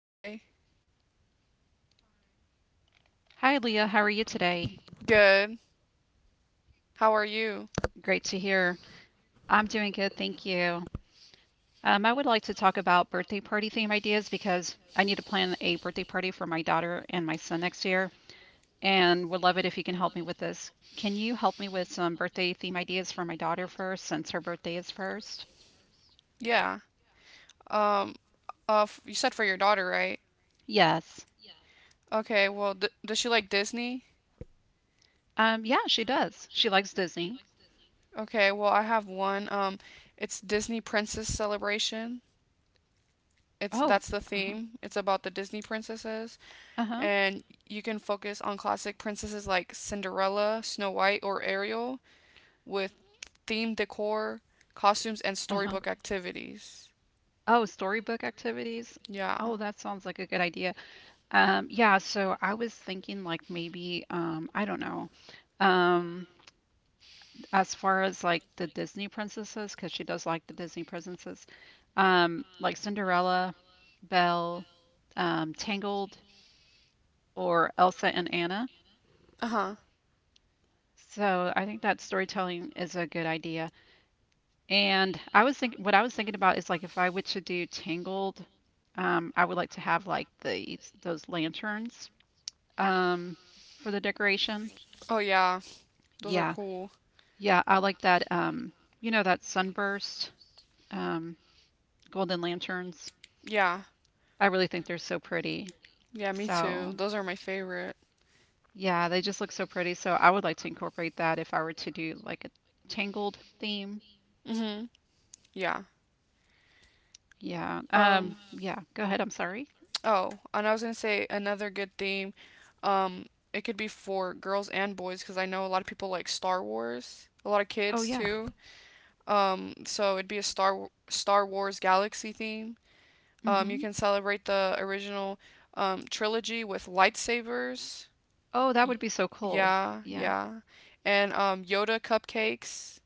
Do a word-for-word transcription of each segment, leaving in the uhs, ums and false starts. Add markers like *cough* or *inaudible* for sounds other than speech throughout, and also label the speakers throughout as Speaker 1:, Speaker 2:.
Speaker 1: Hi.
Speaker 2: Hi, Leah. How are you today?
Speaker 1: Good. How are you?
Speaker 2: Great to hear. I'm doing good, thank you. Um, I would like to talk about birthday party theme ideas because I need to plan a birthday party for my daughter and my son next year, and would love it if you can help me with this. Can you help me with some birthday theme ideas for my daughter first, since her birthday is first?
Speaker 1: Yeah. Um, uh, f You said for your daughter, right?
Speaker 2: Yes.
Speaker 1: Okay, well, d does she like Disney?
Speaker 2: Um, yeah, she does. She likes Disney.
Speaker 1: Okay, well, I have one. Um, it's Disney Princess Celebration. It's
Speaker 2: Oh,
Speaker 1: that's the
Speaker 2: uh-huh,
Speaker 1: theme. It's about the Disney princesses,
Speaker 2: uh-huh,
Speaker 1: and you can focus on classic princesses like Cinderella, Snow White, or Ariel with theme decor, costumes, and
Speaker 2: uh-huh.
Speaker 1: storybook activities.
Speaker 2: Oh, storybook activities.
Speaker 1: Yeah.
Speaker 2: Oh, that sounds like a good idea. Um, yeah, so I was thinking like maybe um I don't know. Um as far as like the Disney princesses, because she does like the Disney princesses. Um like Cinderella, Belle, um Tangled, or Elsa and Anna.
Speaker 1: Uh-huh.
Speaker 2: So I think that storytelling is a good idea. And I was thinking what I was thinking about is, like, if I were to do Tangled, um I would like to have like the those lanterns um for the decoration.
Speaker 1: Oh yeah. Those are
Speaker 2: Yeah.
Speaker 1: cool.
Speaker 2: Yeah, I like that. Um, you know that sunburst, um, golden lanterns.
Speaker 1: Yeah,
Speaker 2: I really think they're so pretty.
Speaker 1: yeah, me too.
Speaker 2: So
Speaker 1: Those are my favorite.
Speaker 2: yeah, they just look so pretty. So I would like to incorporate that if I were to do like a Tangled theme.
Speaker 1: Mhm. Yeah.
Speaker 2: Yeah. Um,
Speaker 1: Um.
Speaker 2: yeah. Go ahead. I'm sorry.
Speaker 1: Oh, and I was gonna say another good theme. Um, it could be for girls and boys because I know a lot of people like Star Wars. A lot of
Speaker 2: Oh
Speaker 1: kids
Speaker 2: yeah.
Speaker 1: too. Um, so it'd be a Star Star Wars Galaxy theme. Um, you
Speaker 2: Mm-hmm.
Speaker 1: can celebrate the original um, trilogy with lightsabers.
Speaker 2: Oh, that
Speaker 1: Y-
Speaker 2: would be so cool.
Speaker 1: yeah,
Speaker 2: Yeah.
Speaker 1: yeah, and um, Yoda cupcakes.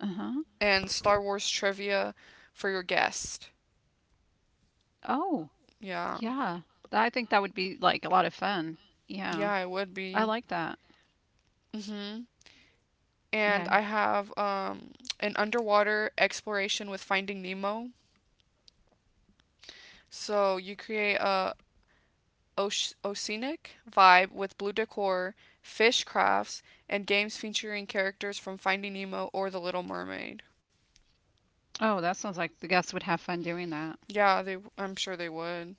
Speaker 2: Uh-huh.
Speaker 1: And Star Wars trivia for your guest.
Speaker 2: Oh,
Speaker 1: Yeah.
Speaker 2: yeah. Th- I think that would be like a lot of fun. Yeah.
Speaker 1: Yeah, it would
Speaker 2: I
Speaker 1: be.
Speaker 2: like that.
Speaker 1: hmm And
Speaker 2: Yeah.
Speaker 1: I have um, an underwater exploration with Finding Nemo. So you create a oceanic vibe with blue decor, fish crafts, and games featuring characters from Finding Nemo or The Little Mermaid.
Speaker 2: Oh, that sounds like the guests would have fun doing that.
Speaker 1: Yeah, they. I'm sure they would.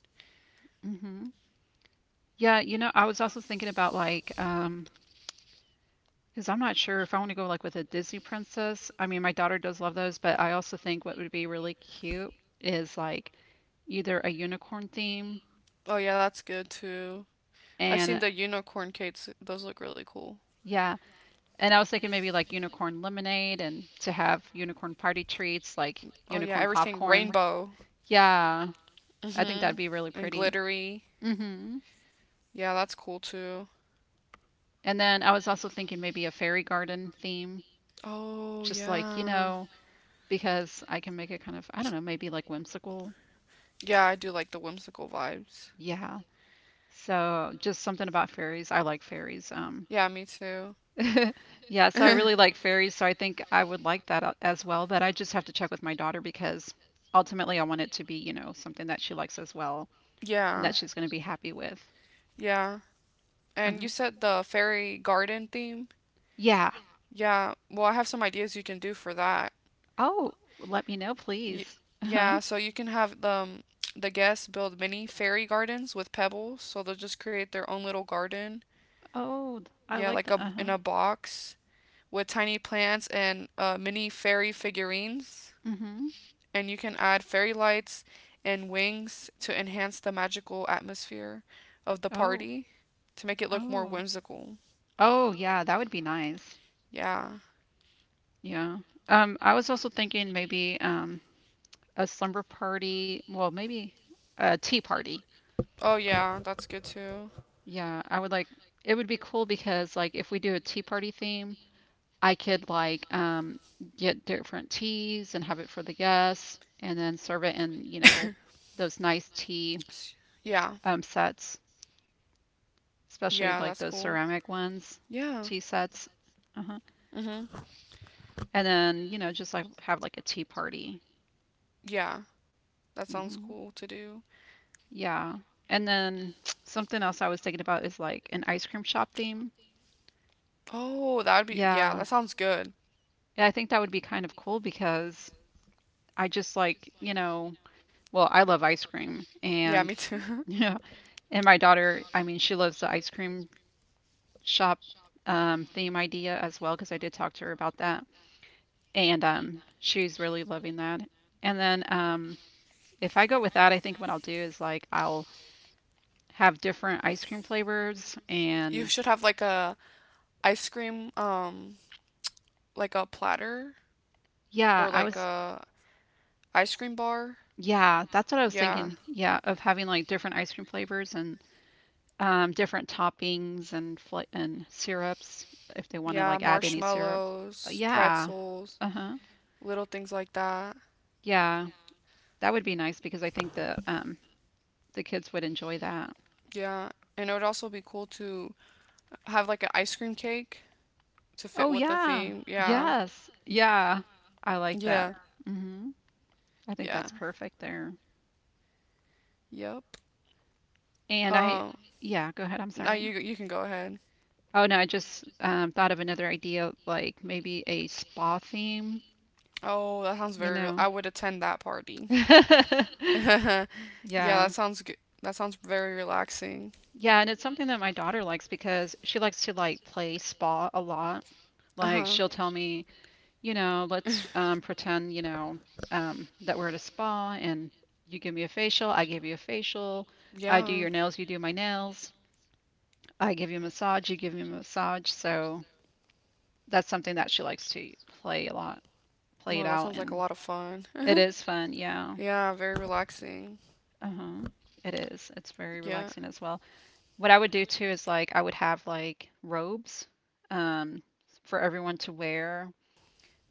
Speaker 2: Mm-hmm. Yeah, you know, I was also thinking about, like, um, because I'm not sure if I want to go like with a Disney princess. I mean, my daughter does love those, but I also think what would be really cute is like either a unicorn theme,
Speaker 1: Oh yeah, that's good too. I've
Speaker 2: and
Speaker 1: seen the unicorn cakes. Those look really cool.
Speaker 2: yeah, and I was thinking maybe like unicorn lemonade, and to have unicorn party treats like
Speaker 1: Oh yeah,
Speaker 2: unicorn
Speaker 1: everything
Speaker 2: popcorn.
Speaker 1: rainbow.
Speaker 2: Yeah, I think that'd
Speaker 1: Mm-hmm.
Speaker 2: be really
Speaker 1: And
Speaker 2: pretty.
Speaker 1: glittery.
Speaker 2: Hmm.
Speaker 1: Yeah, that's cool too.
Speaker 2: And then I was also thinking maybe a fairy garden theme,
Speaker 1: Oh,
Speaker 2: just, like, you
Speaker 1: yeah.
Speaker 2: know, because I can make it kind of, I don't know, maybe like whimsical.
Speaker 1: Yeah, I do like the whimsical vibes.
Speaker 2: Yeah. So just something about fairies. I like fairies. Um,
Speaker 1: Yeah, me too.
Speaker 2: *laughs* yeah, so I really like fairies,
Speaker 1: *laughs*
Speaker 2: so I think I would like that a- as well, but I just have to check with my daughter because ultimately I want it to be, you know, something that she likes as well, and
Speaker 1: Yeah,
Speaker 2: that she's going to be happy with.
Speaker 1: yeah.
Speaker 2: Uh
Speaker 1: And you
Speaker 2: huh.
Speaker 1: said the fairy garden theme?
Speaker 2: Yeah.
Speaker 1: Yeah, well, I have some ideas you can do for that.
Speaker 2: Oh, let me know,
Speaker 1: Y-
Speaker 2: please. Uh-huh.
Speaker 1: yeah, so you can have the um, the guests build mini fairy gardens with pebbles, so they'll just create their own little garden.
Speaker 2: Oh, I
Speaker 1: Yeah,
Speaker 2: like
Speaker 1: like
Speaker 2: the.
Speaker 1: a in
Speaker 2: Uh-huh.
Speaker 1: a box with tiny plants and uh, mini fairy figurines,
Speaker 2: Mm-hmm.
Speaker 1: and you can add fairy lights and wings to enhance the magical atmosphere of the
Speaker 2: Oh,
Speaker 1: party to make it look more
Speaker 2: oh.
Speaker 1: whimsical.
Speaker 2: Oh, yeah, that would be nice.
Speaker 1: Yeah.
Speaker 2: Yeah. Um, I was also thinking maybe um a slumber party. Well, maybe a tea party.
Speaker 1: Oh yeah, that's good too.
Speaker 2: Yeah, I would like it would be cool because, like, if we do a tea party theme, I could, like, um get different teas and have it for the guests, and then serve it in, you know, those nice tea
Speaker 1: Yeah.
Speaker 2: um sets, especially
Speaker 1: Yeah,
Speaker 2: like
Speaker 1: that's
Speaker 2: those
Speaker 1: cool.
Speaker 2: ceramic ones,
Speaker 1: Yeah.
Speaker 2: tea sets. Uh-huh.
Speaker 1: Mhm.
Speaker 2: And then, you know, just, like, have like a tea party.
Speaker 1: Yeah. That sounds
Speaker 2: Hmm.
Speaker 1: cool to do.
Speaker 2: Yeah. And then *tsk* something else I was thinking about is like an ice cream shop theme.
Speaker 1: Oh, that would be, yeah,
Speaker 2: Yeah.
Speaker 1: that sounds good.
Speaker 2: Yeah, I think that would be kind of cool because I just, like, you know, well, I love ice cream,
Speaker 1: Yeah,
Speaker 2: and
Speaker 1: me too. *laughs*
Speaker 2: *laughs*
Speaker 1: Have
Speaker 2: yeah, and my daughter, I mean, she loves the ice cream shop um, theme idea as well because I did talk to her about that. And um, she's really loving that. And then um, if I go with that, I think what I'll do is, like, I'll have different ice cream flavors,
Speaker 1: You
Speaker 2: and
Speaker 1: should have like a ice cream um like a platter
Speaker 2: yeah,
Speaker 1: or
Speaker 2: I
Speaker 1: like,
Speaker 2: was
Speaker 1: yeah, a ice cream bar.
Speaker 2: yeah, that's what I was
Speaker 1: Yeah.
Speaker 2: thinking. Yeah, of having like different ice cream flavors and um, different toppings and fla and syrups, if they
Speaker 1: Thinking.
Speaker 2: want to
Speaker 1: Yeah,
Speaker 2: like add any syrup. Uh,
Speaker 1: marshmallows, yeah,
Speaker 2: Yeah.
Speaker 1: pretzels,
Speaker 2: Uh-huh.
Speaker 1: little things like that.
Speaker 2: Yeah. That would be nice because I think the um the kids would enjoy that.
Speaker 1: Yeah. And it would also be cool to have like an ice cream cake to fit
Speaker 2: Oh
Speaker 1: with the oh
Speaker 2: yeah.
Speaker 1: theme. Yeah.
Speaker 2: Yes. Yeah. I like that.
Speaker 1: Yeah.
Speaker 2: Mhm. I think
Speaker 1: Yeah.
Speaker 2: that's perfect there.
Speaker 1: Yeah. Yep.
Speaker 2: And I
Speaker 1: Um
Speaker 2: yeah, go ahead. I'm
Speaker 1: I now
Speaker 2: sorry.
Speaker 1: you you can go ahead.
Speaker 2: Oh no, I just um, thought of another idea, like maybe a spa theme,
Speaker 1: Oh, that sounds
Speaker 2: you
Speaker 1: very real. I
Speaker 2: know.
Speaker 1: would attend that party. *laughs*
Speaker 2: *laughs*
Speaker 1: Yeah,
Speaker 2: Yeah.
Speaker 1: that sounds good. That sounds very relaxing.
Speaker 2: Yeah, and it's something that my daughter likes because she likes to, like, play spa a lot.
Speaker 1: Uh
Speaker 2: Like
Speaker 1: huh.
Speaker 2: she'll tell me, you know, let's,
Speaker 1: *laughs*
Speaker 2: um, pretend, you know, um, that we're at a spa, and you give me a facial, I give you a facial, I do
Speaker 1: Yeah.
Speaker 2: your nails, you do my nails, I give you a massage, you give me a massage. So that's something that she likes to play a lot, play it
Speaker 1: Well, that
Speaker 2: out,
Speaker 1: sounds like a
Speaker 2: and
Speaker 1: lot of fun.
Speaker 2: it is fun. Yeah,
Speaker 1: *laughs* Yeah, very relaxing.
Speaker 2: uh-huh. It is. It's very
Speaker 1: Yeah.
Speaker 2: relaxing as well. What I would do too is, like, I would have like robes, um, for everyone to wear,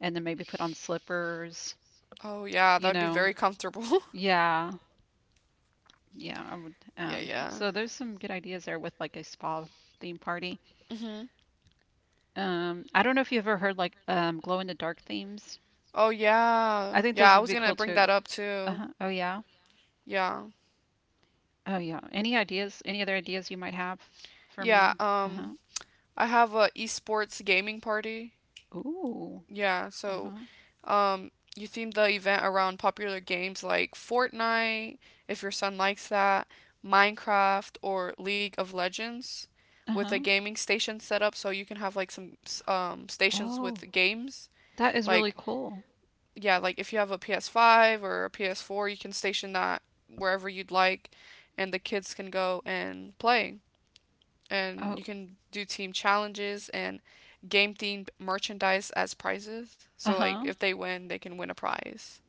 Speaker 2: and then maybe put on slippers,
Speaker 1: Oh, yeah, that
Speaker 2: you
Speaker 1: would be
Speaker 2: know.
Speaker 1: very comfortable. *laughs*
Speaker 2: Yeah, yeah, I would.
Speaker 1: Yeah,
Speaker 2: Um,
Speaker 1: yeah.
Speaker 2: so there's some good ideas there with like a spa theme party.
Speaker 1: Mhm.
Speaker 2: Um, I don't know if you've ever heard, like, um, glow in the dark themes.
Speaker 1: Oh,
Speaker 2: I
Speaker 1: yeah.
Speaker 2: think those
Speaker 1: Yeah, I
Speaker 2: would
Speaker 1: was
Speaker 2: be
Speaker 1: gonna
Speaker 2: cool
Speaker 1: bring
Speaker 2: too.
Speaker 1: that up too.
Speaker 2: Uh-huh. Oh yeah.
Speaker 1: Yeah.
Speaker 2: Oh yeah. Any ideas? Any other ideas you might have for me?
Speaker 1: Yeah,
Speaker 2: Uh-huh.
Speaker 1: um, I have a esports gaming party.
Speaker 2: Ooh.
Speaker 1: Yeah, so
Speaker 2: Uh-huh.
Speaker 1: Um, you theme the event around popular games like Fortnite, if your son likes that, Minecraft, or League of Legends, with a
Speaker 2: Uh-huh.
Speaker 1: gaming station set up so you can have like some um, stations
Speaker 2: Oh,
Speaker 1: with games.
Speaker 2: that is really
Speaker 1: Like,
Speaker 2: cool.
Speaker 1: yeah, like if you have a P S five or a P S four, you can station that wherever you'd like, and the kids can go and play and
Speaker 2: Oh,
Speaker 1: you can do team challenges and game themed merchandise as prizes. So like
Speaker 2: uh-huh.
Speaker 1: if they win, they can win a prize.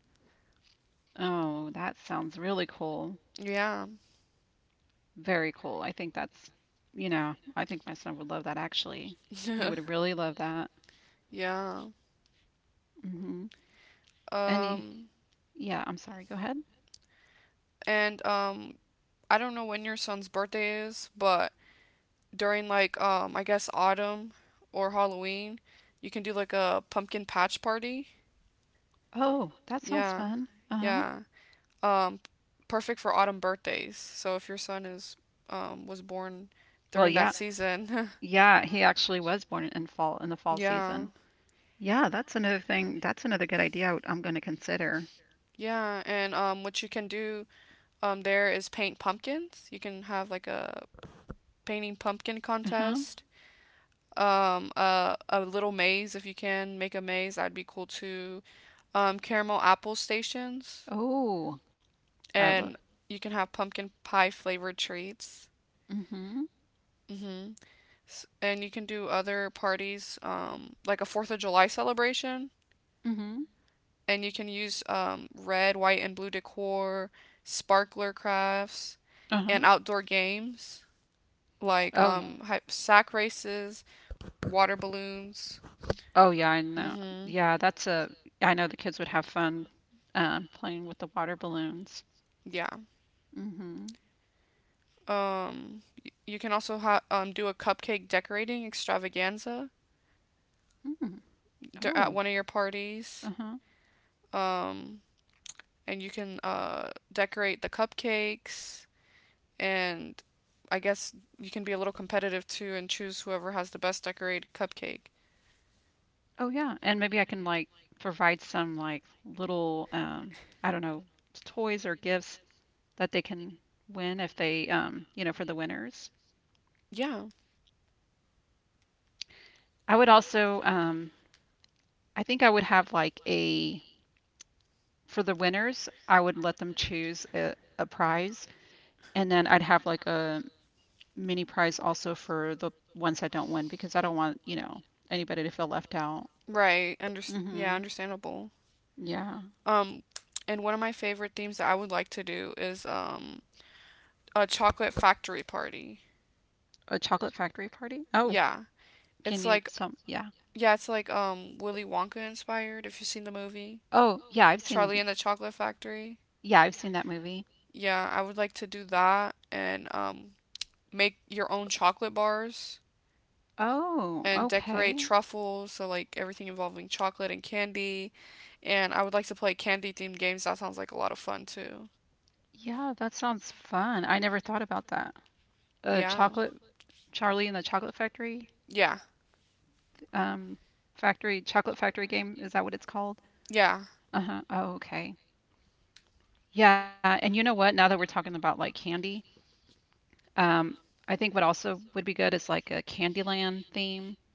Speaker 2: Oh, that sounds really cool.
Speaker 1: Yeah.
Speaker 2: Very cool. I think that's, you know, I think my son would love that, actually. He would
Speaker 1: *laughs*
Speaker 2: really love that.
Speaker 1: Yeah.
Speaker 2: Mm-hmm. Any,
Speaker 1: Um
Speaker 2: yeah, I'm sorry, go ahead.
Speaker 1: and um I don't know when your son's birthday is, but during like um I guess autumn or Halloween, you can do like a pumpkin patch party.
Speaker 2: Oh, that sounds
Speaker 1: Yeah.
Speaker 2: fun. Uh-huh.
Speaker 1: Yeah. Um Perfect for autumn birthdays. So if your son is um was born
Speaker 2: Well,
Speaker 1: during that
Speaker 2: yeah.
Speaker 1: season, *laughs*
Speaker 2: Yeah, he actually was born in fall in the fall
Speaker 1: Yeah.
Speaker 2: season. Yeah, that's another thing. That's another good idea I would, I'm going to consider.
Speaker 1: Yeah, and um what you can do um there is paint pumpkins. You can have like a painting pumpkin
Speaker 2: Uh-huh.
Speaker 1: contest. Um a a little maze if you can make a maze, that'd be cool too. Um caramel apple stations
Speaker 2: Oh, I
Speaker 1: and
Speaker 2: love.
Speaker 1: you can have pumpkin pie flavored treats.
Speaker 2: Mm-hmm.
Speaker 1: Mhm. S- And you can do other parties um like a fourth of July celebration.
Speaker 2: Mm-hmm.
Speaker 1: And you can use um, red, white, and blue decor, sparkler crafts, and
Speaker 2: Uh-huh.
Speaker 1: outdoor games like
Speaker 2: Oh, y-
Speaker 1: um, sack races, water balloons.
Speaker 2: Oh yeah, I know.
Speaker 1: Mm-hmm.
Speaker 2: Yeah, that's a. I know the kids would have fun, um, playing with the water balloons.
Speaker 1: Yeah.
Speaker 2: Mm-hmm.
Speaker 1: Um, you can also ha- um, do a cupcake decorating extravaganza
Speaker 2: Mm.
Speaker 1: d- at
Speaker 2: Oh.
Speaker 1: one of your parties.
Speaker 2: Uh-huh.
Speaker 1: Um, and you can uh, decorate the cupcakes. And I guess you can be a little competitive too and choose whoever has the best decorated cupcake.
Speaker 2: Oh yeah, and maybe I can, like, provide some, like, little, um, I don't know, toys or gifts that they can win if they um, you know for the winners.
Speaker 1: Yeah.
Speaker 2: I would also, um, I think I would have like a. For the winners, I would let them choose a, a prize, and then I'd have like a mini prize also for the ones that don't win, because I don't want, you know, anybody to feel left out.
Speaker 1: Right. Under Yeah,
Speaker 2: Mhm.
Speaker 1: understandable.
Speaker 2: Yeah.
Speaker 1: Um, and one of my favorite themes that I would like to do is um a chocolate factory party.
Speaker 2: A chocolate factory party? Oh,
Speaker 1: Yeah.
Speaker 2: can
Speaker 1: It's
Speaker 2: you
Speaker 1: like
Speaker 2: tell me? Yeah.
Speaker 1: Yeah, it's like um Willy Wonka inspired if you've seen the movie.
Speaker 2: Oh, yeah, I've
Speaker 1: Charlie
Speaker 2: seen
Speaker 1: and the Chocolate Factory.
Speaker 2: yeah, I've seen that movie.
Speaker 1: Yeah, I would like to do that and um make your own chocolate bars
Speaker 2: Oh,
Speaker 1: and decorate
Speaker 2: okay.
Speaker 1: truffles, so like everything involving chocolate and candy. And I would like to play candy themed games. That sounds like a lot of fun too.
Speaker 2: Yeah, that sounds fun. I never thought about that. A
Speaker 1: Yeah.
Speaker 2: chocolate Charlie and the Chocolate Factory,
Speaker 1: Yeah.
Speaker 2: um factory, chocolate factory game, is that what it's called?
Speaker 1: Yeah.
Speaker 2: Uh-huh. Oh, okay. Yeah, and you know what? Now that we're talking about, like, candy, Um, I think what also would be good is like a Candyland theme.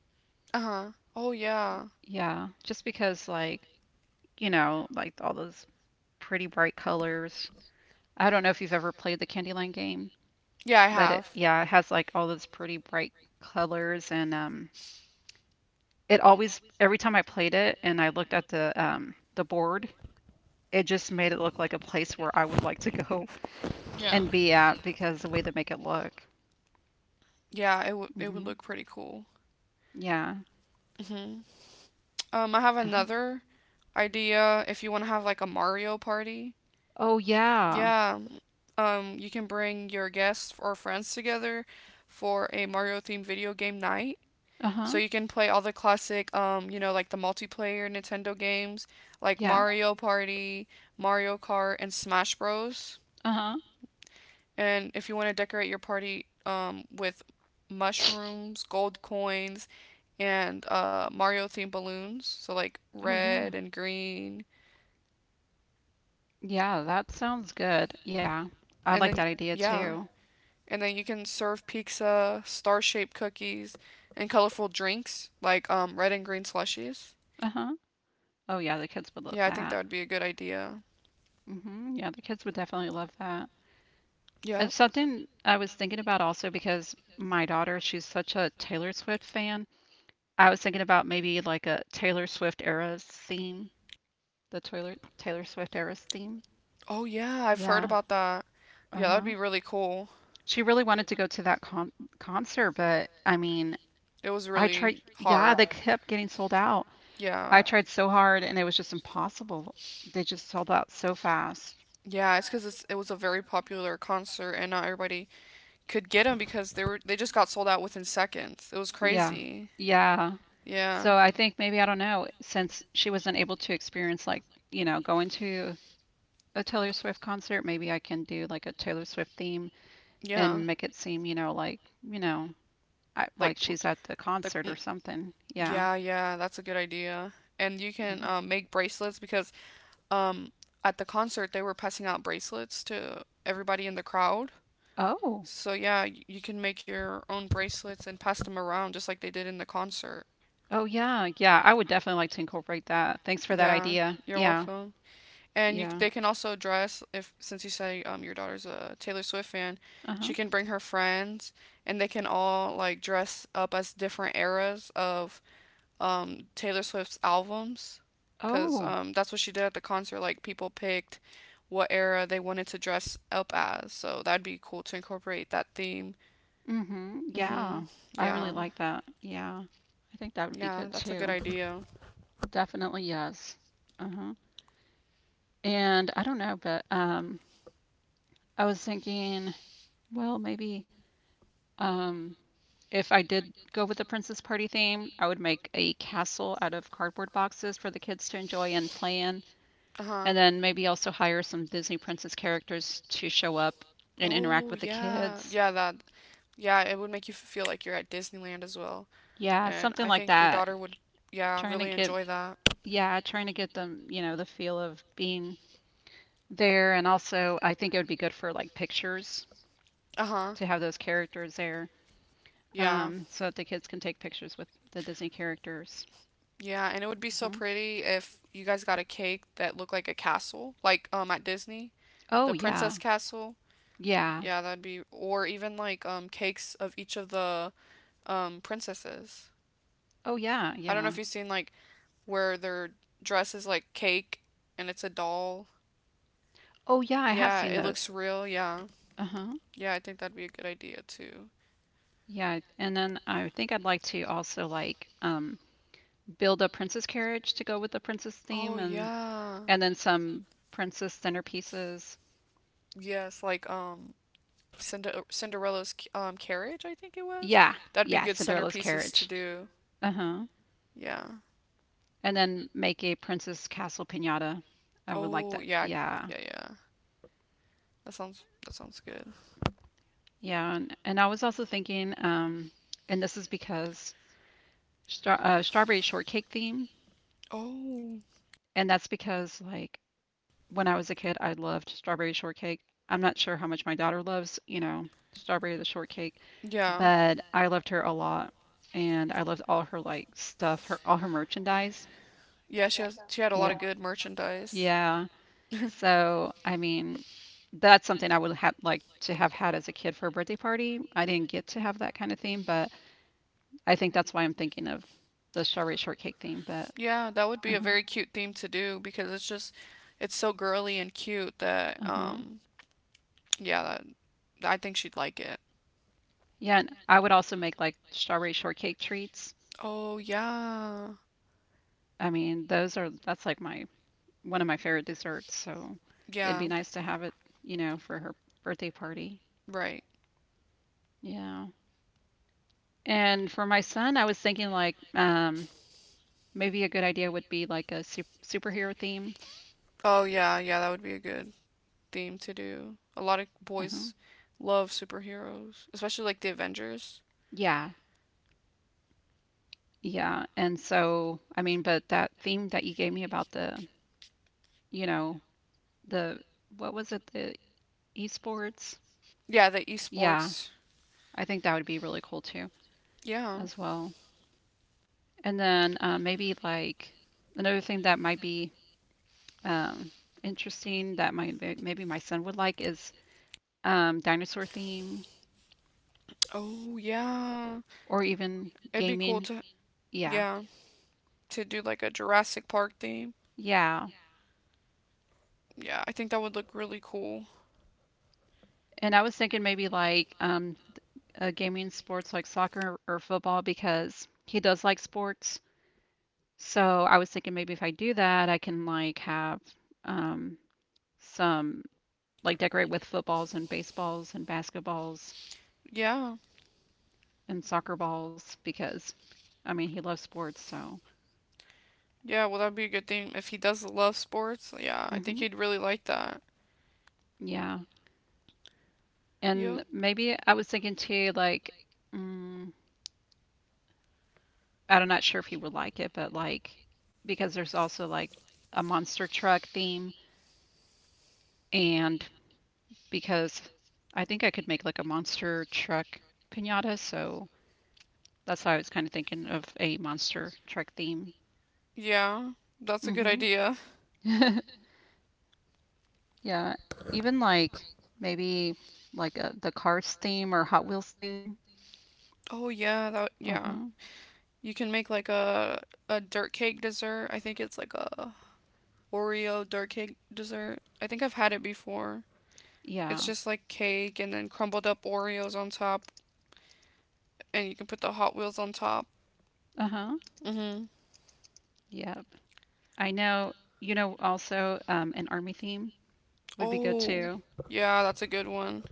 Speaker 1: Uh huh. Oh yeah.
Speaker 2: Yeah, just because, like, you know, like all those pretty bright colors. I don't know if you've ever played the Candyland game,
Speaker 1: Yeah, I
Speaker 2: but it
Speaker 1: have.
Speaker 2: yeah, it has like all those pretty bright colors, and um it always every time I played it and I looked at the um the board, it just made it look like a place where I would like to go
Speaker 1: Yeah.
Speaker 2: and be at, because the way they make it look.
Speaker 1: Yeah, it would it would
Speaker 2: Hmm.
Speaker 1: look pretty cool.
Speaker 2: Yeah.
Speaker 1: hmm Um, I have
Speaker 2: Uh-huh.
Speaker 1: another idea. If you want to have like a Mario party,
Speaker 2: Oh yeah.
Speaker 1: yeah. Um, you can bring your guests or friends together for a Mario themed video game night. So
Speaker 2: Uh-huh.
Speaker 1: you can play all the classic, um, you know, like the multiplayer Nintendo games, like
Speaker 2: Yeah.
Speaker 1: Mario Party, Mario Kart, and Smash Bros.
Speaker 2: Uh-huh.
Speaker 1: And if you want to decorate your party um, with mushrooms, gold coins, and uh, Mario themed balloons, so like
Speaker 2: Oh
Speaker 1: red
Speaker 2: yeah.
Speaker 1: and green,
Speaker 2: Yeah, that sounds good. Yeah. I
Speaker 1: and
Speaker 2: like that
Speaker 1: then
Speaker 2: idea
Speaker 1: yeah,
Speaker 2: too.
Speaker 1: and then you can serve pizza, star shaped cookies, and colorful drinks like um, red and green slushies.
Speaker 2: Uh-huh. Oh yeah, the kids would love
Speaker 1: Yeah, I think that
Speaker 2: that.
Speaker 1: would be a good idea.
Speaker 2: Mhm. Yeah, the kids would definitely love that.
Speaker 1: Yeah.
Speaker 2: It's something I was thinking about also because my daughter, she's such a Taylor Swift fan. I was thinking about maybe like a Taylor Swift era's theme, the Taylor Taylor Swift era's theme.
Speaker 1: Oh yeah, I've heard
Speaker 2: Yeah.
Speaker 1: about that. Yeah, that would
Speaker 2: Uh-huh.
Speaker 1: be really cool.
Speaker 2: She really wanted to go to that con concert, but I mean,
Speaker 1: It was
Speaker 2: I
Speaker 1: really
Speaker 2: tried, yeah,
Speaker 1: hard.
Speaker 2: they kept getting sold out.
Speaker 1: Yeah.
Speaker 2: I tried so hard, and it was just impossible. They just sold out so fast.
Speaker 1: Yeah, it's because it's it was a very popular concert and not everybody could get them because they were they just got sold out within seconds. It was
Speaker 2: Yeah.
Speaker 1: crazy.
Speaker 2: Yeah.
Speaker 1: Yeah,
Speaker 2: So I think maybe, I don't know, since she wasn't able to experience, like, you know, going to a Taylor Swift concert, maybe I can do like a Taylor Swift theme
Speaker 1: yeah.
Speaker 2: and make it seem, you know, like, you know, I,
Speaker 1: Like
Speaker 2: like
Speaker 1: l-
Speaker 2: she's at the
Speaker 1: the
Speaker 2: concert or
Speaker 1: mm,
Speaker 2: something. Yeah.
Speaker 1: yeah, yeah, that's a good idea. And you can
Speaker 2: Hmm.
Speaker 1: um, make bracelets because um at the concert they were passing out bracelets to everybody in the crowd.
Speaker 2: Oh.
Speaker 1: So yeah, y- you can make your own bracelets and pass them around just like they did in the concert.
Speaker 2: Oh yeah. Yeah, I would definitely like to incorporate that. Thanks for that
Speaker 1: Yeah,
Speaker 2: idea.
Speaker 1: you're
Speaker 2: Yeah.
Speaker 1: welcome. And you,
Speaker 2: Yeah.
Speaker 1: they can also dress if since you say um your daughter's a Taylor Swift fan, she
Speaker 2: Uh-huh.
Speaker 1: can bring her friends and they can all like dress up as different eras of um Taylor Swift's albums cuz
Speaker 2: Oh,
Speaker 1: um that's what she did at the concert like people picked what era they wanted to dress up as. So that'd be cool to incorporate that theme.
Speaker 2: mm mhm. Yeah.
Speaker 1: Mhm.
Speaker 2: I really
Speaker 1: Yeah.
Speaker 2: like that. Yeah. I think that would be
Speaker 1: Yeah,
Speaker 2: good
Speaker 1: that's a good
Speaker 2: too.
Speaker 1: idea.
Speaker 2: Definitely, yes. Uh-huh. And I don't know, but um I was thinking, well, maybe um if I did go with the princess party theme, I would make a castle out of cardboard boxes for the kids to enjoy and play in,
Speaker 1: Uh-huh.
Speaker 2: and then maybe also hire some Disney princess characters to show up and interact
Speaker 1: Oh,
Speaker 2: with the
Speaker 1: yeah.
Speaker 2: kids.
Speaker 1: Yeah, that yeah, it would make you feel like you're at Disneyland as well.
Speaker 2: Yeah,
Speaker 1: And
Speaker 2: something
Speaker 1: I
Speaker 2: like
Speaker 1: think your
Speaker 2: that.
Speaker 1: daughter would, yeah,
Speaker 2: Trying to
Speaker 1: really
Speaker 2: get
Speaker 1: enjoy that.
Speaker 2: yeah, trying to get them, you know, the feel of being there. And also, I think it would be good for like pictures
Speaker 1: Uh huh.
Speaker 2: to have those characters there,
Speaker 1: Yeah.
Speaker 2: um, so that the kids can take pictures with the Disney characters.
Speaker 1: Yeah, and it would be so
Speaker 2: Mhm.
Speaker 1: pretty if you guys got a cake that looked like a castle, like um at Disney,
Speaker 2: Oh,
Speaker 1: the
Speaker 2: yeah.
Speaker 1: Princess Castle.
Speaker 2: Yeah.
Speaker 1: Yeah, that'd be or even like um cakes of each of the um princesses.
Speaker 2: Oh, yeah.
Speaker 1: I don't know
Speaker 2: Yeah.
Speaker 1: if you've seen like where their dress is like cake and it's a doll.
Speaker 2: Oh, yeah. I have
Speaker 1: Yeah,
Speaker 2: seen
Speaker 1: it looks
Speaker 2: those.
Speaker 1: real. Yeah.
Speaker 2: Uh-huh.
Speaker 1: Yeah, I think that'd be a good idea too.
Speaker 2: Yeah. And then I think I'd like to also like um, build a princess carriage to go with the princess
Speaker 1: Oh
Speaker 2: theme and
Speaker 1: yeah.
Speaker 2: and then some princess centerpieces.
Speaker 1: Yes, like um Cinder- Cinderella's um carriage, I think it was.
Speaker 2: Yeah,
Speaker 1: That'd be
Speaker 2: yeah,
Speaker 1: good
Speaker 2: Cinderella's
Speaker 1: centerpieces to
Speaker 2: carriage.
Speaker 1: do.
Speaker 2: Uh huh.
Speaker 1: Yeah.
Speaker 2: And then make a princess castle pinata. I would like
Speaker 1: Oh,
Speaker 2: that.
Speaker 1: yeah.
Speaker 2: Yeah,
Speaker 1: Yeah, yeah. That sounds that sounds good.
Speaker 2: yeah. And, and I was also thinking, um, and this is because stra- uh, strawberry shortcake theme,
Speaker 1: Oh,
Speaker 2: and that's because like when I was a kid, I loved strawberry shortcake. I'm not sure how much my daughter loves, you know, strawberry the shortcake,
Speaker 1: yeah.
Speaker 2: but I loved her a lot, and I loved all her like stuff, her all her merchandise.
Speaker 1: Yeah, she has she had a lot of good merchandise.
Speaker 2: Yeah.
Speaker 1: *laughs*
Speaker 2: So, I mean, that's something I would have like to have had as a kid for a birthday party. I didn't get to have that kind of theme, but I think that's why I'm thinking of the strawberry shortcake theme. But
Speaker 1: Yeah, that would be a
Speaker 2: uh-huh,
Speaker 1: very cute theme to do because it's just it's so girly and cute that
Speaker 2: uh-huh.
Speaker 1: um yeah, that I think she'd like it.
Speaker 2: Yeah, and I would also make like strawberry shortcake treats.
Speaker 1: Oh, yeah.
Speaker 2: I mean, those are that's like my one of my favorite desserts, so it'd
Speaker 1: Yeah.
Speaker 2: be nice to have it, you know, for her birthday party.
Speaker 1: Right.
Speaker 2: Yeah. And for my son, I was thinking like um maybe a good idea would be like a sup- superhero theme.
Speaker 1: Oh, yeah, yeah, that would be a good theme to do. A lot of
Speaker 2: Uh-huh.
Speaker 1: boys love superheroes, especially like the Avengers.
Speaker 2: Yeah, yeah. And so, I mean, but that theme that you gave me about the, you know, the, what was it, the esports?
Speaker 1: Yeah, the
Speaker 2: Yeah,
Speaker 1: esports.
Speaker 2: I think that would be really cool too,
Speaker 1: Yeah.
Speaker 2: as well. And then uh, maybe like another thing that might be um, interesting that my maybe my son would like is um, dinosaur theme
Speaker 1: Oh, yeah.
Speaker 2: or even
Speaker 1: It'd be cool
Speaker 2: gaming.
Speaker 1: to,
Speaker 2: Yeah,
Speaker 1: yeah, to do like a Jurassic Park theme.
Speaker 2: yeah.
Speaker 1: Yeah, I think that would look really cool.
Speaker 2: And I was thinking maybe like um, uh, gaming sports like soccer or football because he does like sports. So I was thinking maybe if I do that, I can like have um, some like decorate with footballs and baseballs and basketballs
Speaker 1: Yeah.
Speaker 2: and soccer balls because I mean he loves sports. So
Speaker 1: Yeah, well, that'd be a good thing if he does love sports. Yeah, I think
Speaker 2: hmm
Speaker 1: he'd really like that.
Speaker 2: yeah,
Speaker 1: Yep.
Speaker 2: and maybe
Speaker 1: And
Speaker 2: I was thinking too like mm, I'm not sure if he would like it, but like because there's also like a monster truck theme and because I think I could make like a monster truck pinata. So that's how I was kind of thinking of a monster truck theme.
Speaker 1: yeah, that's a good
Speaker 2: Hmm.
Speaker 1: idea.
Speaker 2: *laughs* Yeah, even like maybe like a, the Cars theme or Hot Wheels theme.
Speaker 1: Oh yeah, that, yeah.
Speaker 2: Uh-huh.
Speaker 1: You can make like a a dirt cake dessert. I think it's like a Oreo dirt cake dessert. I think I've had it before. It's
Speaker 2: Yeah.
Speaker 1: just like cake and then crumbled up Oreos on top, and you can put the Hot Wheels on top.
Speaker 2: Uh-huh.
Speaker 1: Mm-hmm.
Speaker 2: Yep. I know, you know, also um, an army theme would be good
Speaker 1: Oh,
Speaker 2: too.
Speaker 1: yeah, that's a good one.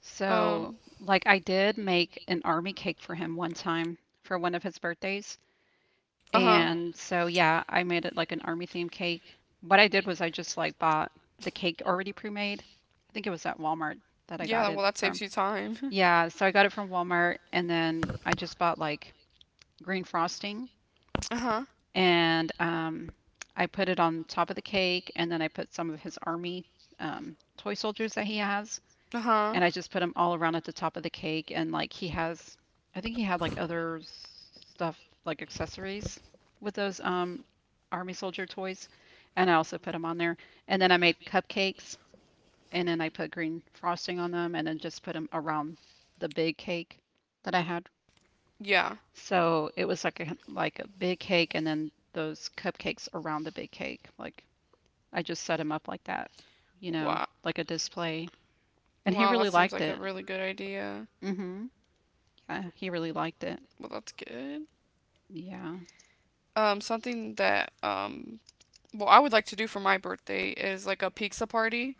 Speaker 2: So,
Speaker 1: Um,
Speaker 2: like, I did make an army cake for him one time for one of his birthdays.
Speaker 1: uh huh.
Speaker 2: And so yeah, I made it like an army themed cake. What I did was I just like bought the cake already pre-made. I think it was at Walmart that I
Speaker 1: Yeah,
Speaker 2: got it
Speaker 1: well, that saves
Speaker 2: from.
Speaker 1: you time.
Speaker 2: Yeah, so I got it from Walmart and then I just bought like green frosting
Speaker 1: *laughs* Uh huh.
Speaker 2: and um, I put it on top of the cake and then I put some of his army um, toy soldiers that he has
Speaker 1: Uh huh.
Speaker 2: and I just put them all around at the top of the cake. And like he has, I think he had like other s- stuff like accessories with those um army soldier toys, and I also put them on there. And then I made cupcakes, and then I put green frosting on them, and then just put them around the big cake that I had.
Speaker 1: Yeah.
Speaker 2: So it was like a like a big cake, and then those cupcakes around the big cake. Like I just set them up like that, you know,
Speaker 1: Wow.
Speaker 2: like a display. And he
Speaker 1: Wow, that
Speaker 2: really
Speaker 1: seems
Speaker 2: liked
Speaker 1: like a
Speaker 2: it.
Speaker 1: really good idea.
Speaker 2: hmm Uh, He really liked it.
Speaker 1: Well, that's good.
Speaker 2: Yeah.
Speaker 1: Um, something that um what I would like to do for my birthday is like a pizza party.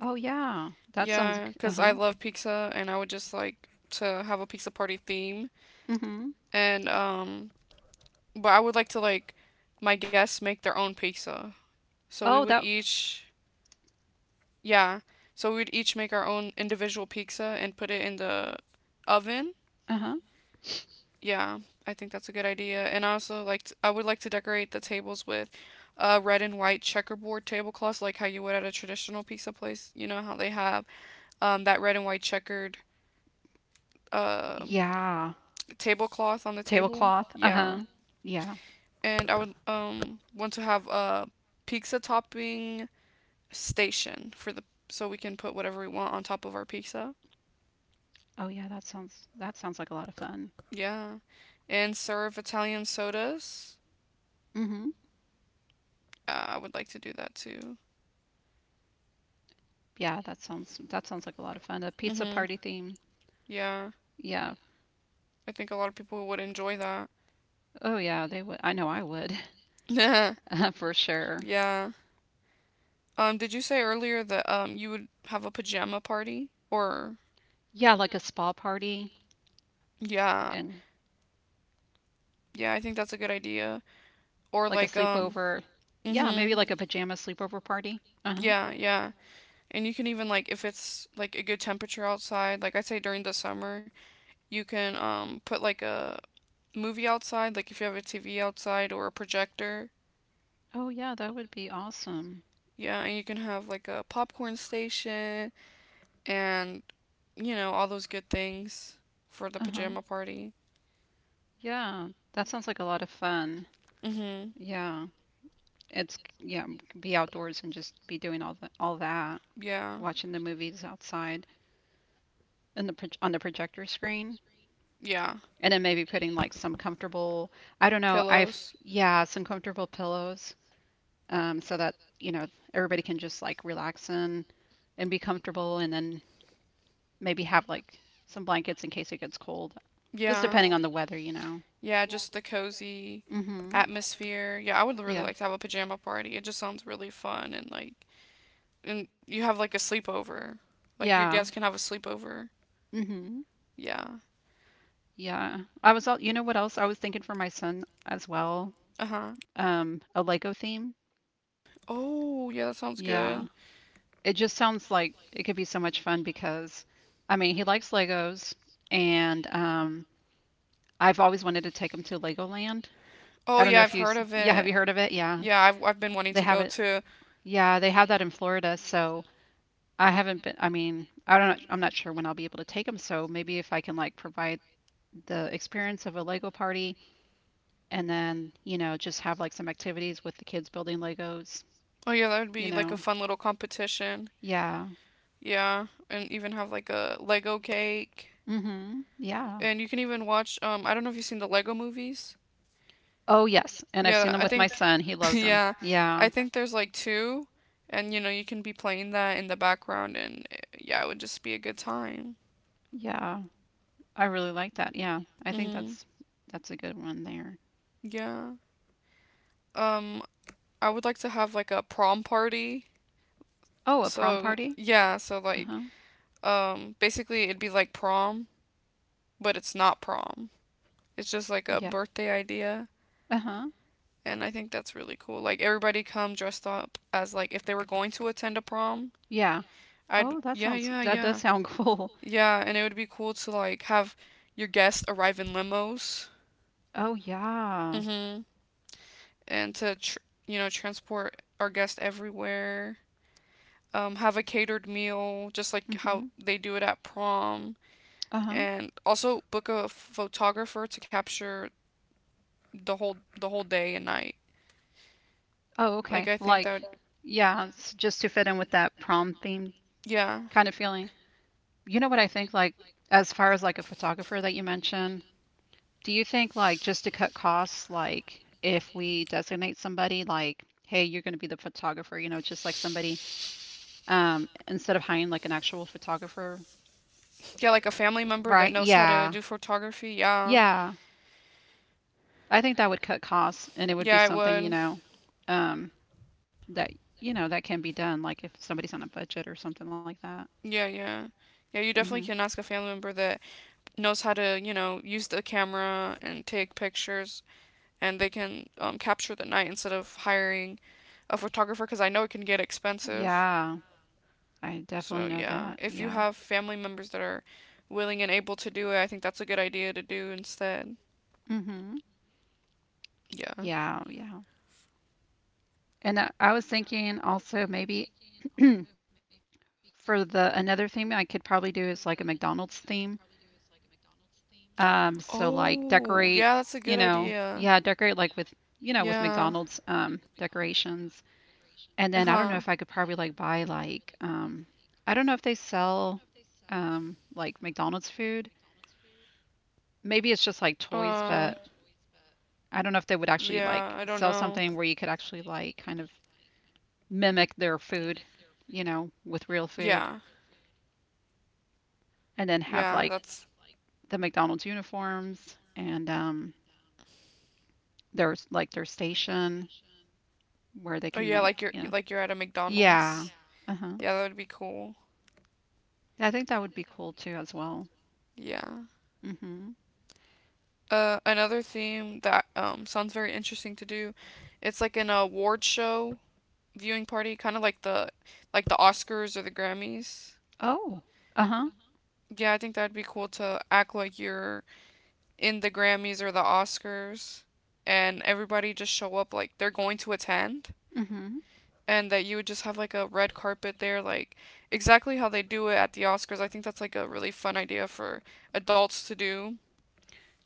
Speaker 2: Oh, yeah. That sounds. g-
Speaker 1: Yeah, because I
Speaker 2: Uh-huh.
Speaker 1: love pizza and I would just like to have a pizza party theme.
Speaker 2: Mm-hmm.
Speaker 1: And, um, but I would like to like my guests make their own pizza. So we
Speaker 2: Oh,
Speaker 1: would
Speaker 2: that.
Speaker 1: each, yeah, so we would each make our own individual pizza and put it in the oven.
Speaker 2: Uh-huh.
Speaker 1: Yeah, I think that's a good idea. And I also like, t- I would like to decorate the tables with uh, red and white checkerboard tablecloths, like how you would at a traditional pizza place. You know how they have um, that red and white checkered uh,
Speaker 2: Yeah.
Speaker 1: tablecloth on the table.
Speaker 2: Tablecloth.
Speaker 1: Yeah,
Speaker 2: Uh-huh. Yeah.
Speaker 1: and I would um want to have a pizza topping station for the so we can put whatever we want on top of our pizza.
Speaker 2: Oh, yeah. That sounds. That sounds like a lot of fun.
Speaker 1: Yeah, and serve Italian sodas.
Speaker 2: Mm-hmm.
Speaker 1: Uh, I would like to do that too.
Speaker 2: Yeah. That sounds. That sounds like a lot of fun. A pizza
Speaker 1: Mhm.
Speaker 2: party theme.
Speaker 1: Yeah,
Speaker 2: Yeah.
Speaker 1: I think a lot of people would enjoy that.
Speaker 2: Oh, yeah. They would. I know. I would. *laughs*
Speaker 1: *laughs* Yeah,
Speaker 2: Uh, for sure.
Speaker 1: yeah. Um, did you say earlier that um you would have a pajama party? Or
Speaker 2: Yeah. Like a spa party
Speaker 1: yeah,
Speaker 2: and
Speaker 1: yeah, I think that's a good idea. Or
Speaker 2: like a
Speaker 1: like um
Speaker 2: sleepover. Yeah. Maybe
Speaker 1: mhm.
Speaker 2: like a pajama sleepover party. Uh-huh.
Speaker 1: Yeah, yeah. And you can even like if it's like a good temperature outside, like I say during the summer, you can um put like a movie outside, like if you have a T V outside or a projector.
Speaker 2: Oh, yeah. That would be awesome.
Speaker 1: Yeah, and you can have like a popcorn station and you know all those good things for the
Speaker 2: Uh-huh.
Speaker 1: pajama party.
Speaker 2: Yeah, that sounds like a lot of fun.
Speaker 1: Mhm.
Speaker 2: Yeah, it's yeah, be outdoors and just be doing all the, all that,
Speaker 1: Yeah.
Speaker 2: watching the movies outside in the pro on the projector screen,
Speaker 1: Yeah.
Speaker 2: and then maybe putting like some comfortable, I don't know, I've
Speaker 1: Pillows.
Speaker 2: yeah, some comfortable pillows, um, so that you know everybody can just like relax in and be comfortable, and then maybe have like some blankets in case it gets cold, just
Speaker 1: Yeah.
Speaker 2: depending on the weather, you know.
Speaker 1: Yeah, just the cozy
Speaker 2: Mm-hmm.
Speaker 1: atmosphere. Yeah, I would really like to have a pajama party. It just sounds really fun and like and you have like a sleepover. Like your
Speaker 2: Yeah.
Speaker 1: guests can have a sleepover.
Speaker 2: Hmm.
Speaker 1: Yeah.
Speaker 2: Yeah. I was all, you know what else I was thinking for my son as well?
Speaker 1: Uh-huh.
Speaker 2: Um, a Lego theme.
Speaker 1: Oh, yeah, that sounds
Speaker 2: Yeah.
Speaker 1: good.
Speaker 2: It just sounds like it could be so much fun because, I mean, he likes Legos and um, I've always wanted to take him to Legoland.
Speaker 1: Oh,
Speaker 2: I don't know
Speaker 1: yeah,
Speaker 2: if
Speaker 1: I've
Speaker 2: you,
Speaker 1: heard
Speaker 2: s-
Speaker 1: of
Speaker 2: yeah, have
Speaker 1: it.
Speaker 2: you heard of it? Yeah.
Speaker 1: Yeah, I've I've been wanting
Speaker 2: They
Speaker 1: to
Speaker 2: have
Speaker 1: go
Speaker 2: it.
Speaker 1: too.
Speaker 2: Yeah, they have that in Florida, so I haven't been, I mean, I don't know, I'm not sure when I'll be able to take them, so maybe if I can like provide the experience of a Lego party and then, you know, just have like some activities with the kids building Legos,
Speaker 1: Oh, yeah, that would
Speaker 2: you
Speaker 1: be like a
Speaker 2: know.
Speaker 1: fun little competition.
Speaker 2: Yeah.
Speaker 1: Yeah, and even have like a Lego cake.
Speaker 2: Mhm. Yeah.
Speaker 1: And you can even watch um I don't know if you've seen the Lego movies.
Speaker 2: Oh, yes. And I've seen
Speaker 1: Yeah,
Speaker 2: them
Speaker 1: I
Speaker 2: with my
Speaker 1: think
Speaker 2: son. He
Speaker 1: *laughs*
Speaker 2: loves them.
Speaker 1: yeah.
Speaker 2: Yeah.
Speaker 1: I think there's like two and you know, you can be playing that in the background and eh, yeah, it would just be a good time.
Speaker 2: Yeah. I really like that. Yeah. I think
Speaker 1: Mhm.
Speaker 2: that's that's a good one there.
Speaker 1: Yeah. Um I would like to have like a prom party.
Speaker 2: Oh, a prom
Speaker 1: So,
Speaker 2: party?
Speaker 1: yeah, so like
Speaker 2: Uh-huh.
Speaker 1: um basically it'd be like prom, but it's not prom. It's just like a
Speaker 2: Yeah.
Speaker 1: birthday idea,
Speaker 2: Uh-huh.
Speaker 1: and I think that's really cool. Like everybody come dressed up as like if they were going to attend a prom.
Speaker 2: Yeah.
Speaker 1: I'd
Speaker 2: Oh, that
Speaker 1: yeah,
Speaker 2: sounds
Speaker 1: yeah,
Speaker 2: that does
Speaker 1: yeah.
Speaker 2: sound cool. *laughs*
Speaker 1: Yeah, and it would be cool to like have your guests arrive in limos.
Speaker 2: Oh, yeah.
Speaker 1: Mm-hmm. And to tr- you know transport our guests everywhere. Um, have a catered meal, just like how
Speaker 2: Mhm.
Speaker 1: they do it at prom,
Speaker 2: Uh-huh.
Speaker 1: and also book a photographer to capture the whole the whole day and night.
Speaker 2: Oh,
Speaker 1: Like
Speaker 2: okay.
Speaker 1: I think that
Speaker 2: Like,
Speaker 1: would,
Speaker 2: yeah, it's just to fit in with that prom theme
Speaker 1: yeah.
Speaker 2: kind of feeling. You know what I think, like, as far as like a photographer that you mentioned, do you think like just to cut costs, like if we designate somebody like, hey, you're going to be the photographer, you know, just like somebody, um, instead of hiring like an actual photographer,
Speaker 1: Yeah, like a family member that
Speaker 2: right?
Speaker 1: knows how to
Speaker 2: Yeah.
Speaker 1: do photography. Yeah.
Speaker 2: Yeah. I think that would cut costs and it would be
Speaker 1: Yeah, it
Speaker 2: something, you
Speaker 1: would.
Speaker 2: know, um, that, you know, that can be done, like if somebody's on a budget or something like that.
Speaker 1: Yeah, yeah. Yeah, you definitely can
Speaker 2: Hmm.
Speaker 1: ask a family member that knows how to, you know, use the camera and take pictures, and they can um, capture the night instead of hiring a photographer because I know it can get expensive.
Speaker 2: Yeah. I definitely
Speaker 1: So,
Speaker 2: know
Speaker 1: yeah,
Speaker 2: that.
Speaker 1: if you
Speaker 2: Yeah.
Speaker 1: have family members that are willing and able to do it, I think that's a good idea to do instead.
Speaker 2: Hmm.
Speaker 1: Yeah.
Speaker 2: Yeah, yeah. And I, I was thinking also maybe *clears throat* for the another theme I could probably do is like a McDonald's theme. Um,
Speaker 1: Oh,
Speaker 2: so
Speaker 1: yeah,
Speaker 2: like
Speaker 1: that's a good
Speaker 2: decorate, you
Speaker 1: idea.
Speaker 2: know, yeah, decorate like with, you
Speaker 1: Yeah.
Speaker 2: know, with McDonald's um decorations. And then I
Speaker 1: Uh-huh.
Speaker 2: don't know if I could probably like buy like um I don't know if they sell um like McDonald's food. Maybe it's just like toys,
Speaker 1: Uh,
Speaker 2: but I don't know if they would actually like
Speaker 1: yeah, I don't
Speaker 2: sell
Speaker 1: know.
Speaker 2: something where you could actually like kind of mimic their food, you know, with real food.
Speaker 1: Yeah,
Speaker 2: And then have
Speaker 1: yeah,
Speaker 2: like
Speaker 1: that's.
Speaker 2: the McDonald's uniforms and um, their like their station where they
Speaker 1: Oh
Speaker 2: can
Speaker 1: yeah,
Speaker 2: make
Speaker 1: like you're
Speaker 2: you know.
Speaker 1: like you're at a McDonald's.
Speaker 2: Yeah. Uh-huh.
Speaker 1: Yeah, yeah, that would be cool.
Speaker 2: I think that would be cool too as well.
Speaker 1: Yeah.
Speaker 2: Mm-hmm.
Speaker 1: Uh, another theme that um sounds very interesting to do, it's like an award show viewing party, kind of like the like the Oscars or the Grammys.
Speaker 2: Oh. Uh-huh.
Speaker 1: Yeah, I think that'd be cool to act like you're in the Grammys or the Oscars, and everybody just show up like they're going to attend,
Speaker 2: Mm-hmm.
Speaker 1: and that you would just have like a red carpet there, like exactly how they do it at the Oscars. I think that's like a really fun idea for adults to do.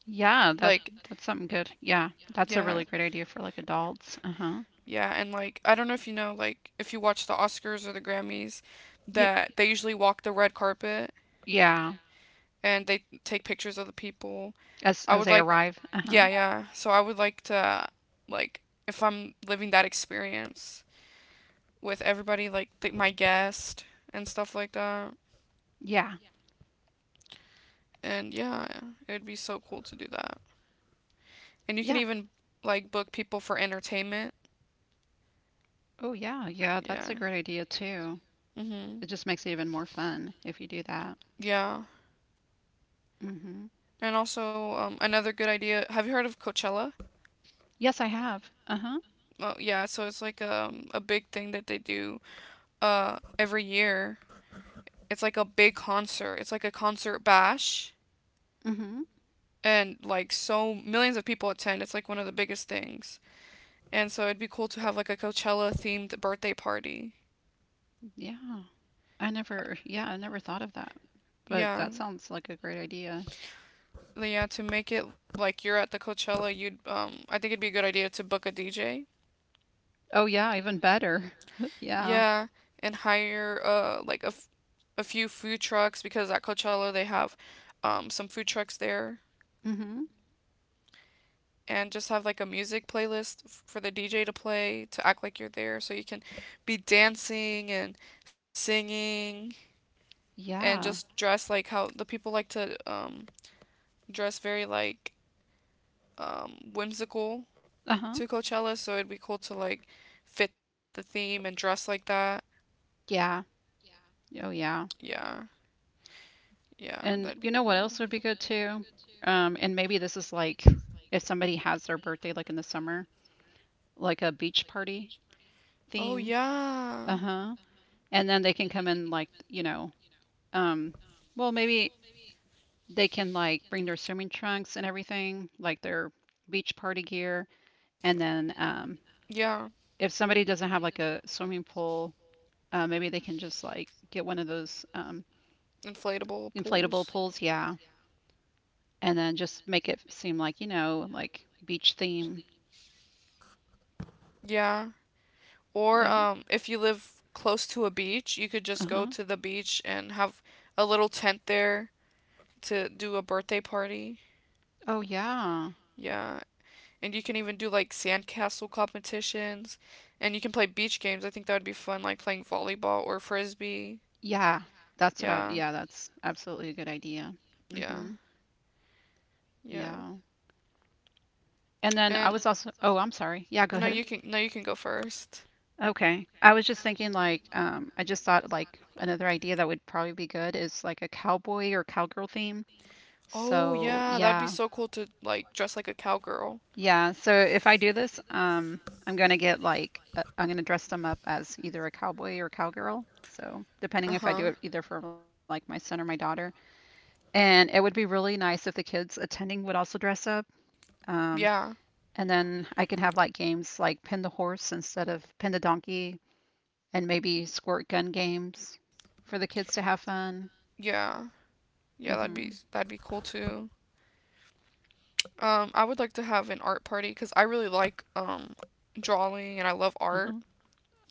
Speaker 2: Yeah, that
Speaker 1: Like,
Speaker 2: that's something good. Yeah. That's a
Speaker 1: yeah,
Speaker 2: really great idea for like adults. Uh-huh.
Speaker 1: yeah, and like I don't know if you know, like if you watch the Oscars or the Grammys,
Speaker 2: Yeah.
Speaker 1: that they usually walk the red carpet
Speaker 2: Yeah.
Speaker 1: and they take pictures of the people.
Speaker 2: As
Speaker 1: I
Speaker 2: as
Speaker 1: would
Speaker 2: they
Speaker 1: like,
Speaker 2: arrive. Uh-huh.
Speaker 1: yeah,
Speaker 2: Yeah.
Speaker 1: yeah. So I would like to, like, if I'm living that experience. With everybody like th- my guest and stuff like that.
Speaker 2: Yeah.
Speaker 1: And yeah, it'd be so cool to do that. And you can
Speaker 2: Yeah.
Speaker 1: even like book people for entertainment.
Speaker 2: Oh yeah. Yeah, that's
Speaker 1: Yeah.
Speaker 2: a great idea too.
Speaker 1: Mhm.
Speaker 2: It just makes it even more fun if you do that.
Speaker 1: Yeah.
Speaker 2: Mm-hmm.
Speaker 1: And also um, another good idea. Have you heard of Coachella?
Speaker 2: Yes, I have. Uh-huh.
Speaker 1: Well, yeah. So it's like um, a big thing that they do uh, every year. It's like a big concert. It's like a concert bash,
Speaker 2: Mm-hmm.
Speaker 1: and like so millions of people attend. It's like one of the biggest things. And so it'd be cool to have like a Coachella themed birthday party.
Speaker 2: Yeah. I never, yeah, I never thought of that. But
Speaker 1: Yeah,
Speaker 2: that sounds like a great idea.
Speaker 1: yeah. To make it like you're at the Coachella, you'd um, I think it'd be a good idea to book a D J.
Speaker 2: Oh yeah, even better. *laughs* Yeah.
Speaker 1: Yeah, and hire uh like a, f- a few food trucks because at Coachella they have um some food trucks there,
Speaker 2: Mm-hmm.
Speaker 1: and just have like a music playlist f- for the D J to play to act like you're there, so you can be dancing and singing and
Speaker 2: Yeah.
Speaker 1: just dress like how the people like to um dress very like um whimsical to
Speaker 2: Uh-huh.
Speaker 1: Coachella, so it'd be cool to like fit the theme and dress like that.
Speaker 2: Yeah. Oh yeah.
Speaker 1: Yeah, yeah, that'd
Speaker 2: And
Speaker 1: be
Speaker 2: you know what
Speaker 1: cool.
Speaker 2: else would be good too? Um, and maybe this is like if somebody has their birthday like in the summer, like a beach party
Speaker 1: Oh
Speaker 2: theme.
Speaker 1: yeah,
Speaker 2: Uh-huh. And then they can come in like, you know, um, well maybe they can like bring their swimming trunks and everything, like their beach party gear. And then um,
Speaker 1: yeah,
Speaker 2: if somebody doesn't have like a swimming pool, uh, maybe they can just like get one of those um,
Speaker 1: inflatable
Speaker 2: inflatable
Speaker 1: pools.
Speaker 2: pools. Yeah. And then just make it seem like, you know, like beach theme.
Speaker 1: Yeah, or
Speaker 2: That,
Speaker 1: um, if you live close to a beach, you could just go
Speaker 2: uh-huh.
Speaker 1: to the beach and have a little tent there to do a birthday party.
Speaker 2: Oh, yeah.
Speaker 1: Yeah, and you can even do like sandcastle competitions, and you can play beach games. I think that would be fun, like playing volleyball or frisbee.
Speaker 2: Yeah. That's what I,
Speaker 1: Yeah,
Speaker 2: yeah, that's absolutely a good idea.
Speaker 1: yeah.
Speaker 2: Mm-hmm.
Speaker 1: Yeah.
Speaker 2: Yeah. And then I
Speaker 1: And
Speaker 2: was also, oh, I'm sorry. Yeah, go
Speaker 1: no,
Speaker 2: ahead.
Speaker 1: you can no, you can go first.
Speaker 2: Okay. I was just thinking like um I just thought like another idea that would probably be good is like a cowboy or cowgirl theme.
Speaker 1: Oh
Speaker 2: So,
Speaker 1: yeah, that'd be
Speaker 2: yeah.
Speaker 1: so cool to like dress like a cowgirl.
Speaker 2: Yeah. So if I do this, um I'm gonna get like uh, I'm gonna dress them up as either a cowboy or cowgirl. So,
Speaker 1: Uh
Speaker 2: depending if I
Speaker 1: huh.
Speaker 2: do it either for like my son or my daughter. And it would be really nice if the kids attending would also dress up. Um,
Speaker 1: Yeah.
Speaker 2: and then I can have like games like pin the horse instead of pin the donkey and maybe squirt gun games for the kids to have fun.
Speaker 1: Yeah. Yeah, that'd be
Speaker 2: Mhm.
Speaker 1: that'd be cool too. Um, I would like to have an art party because I really like um drawing and I love art.
Speaker 2: Uh-huh.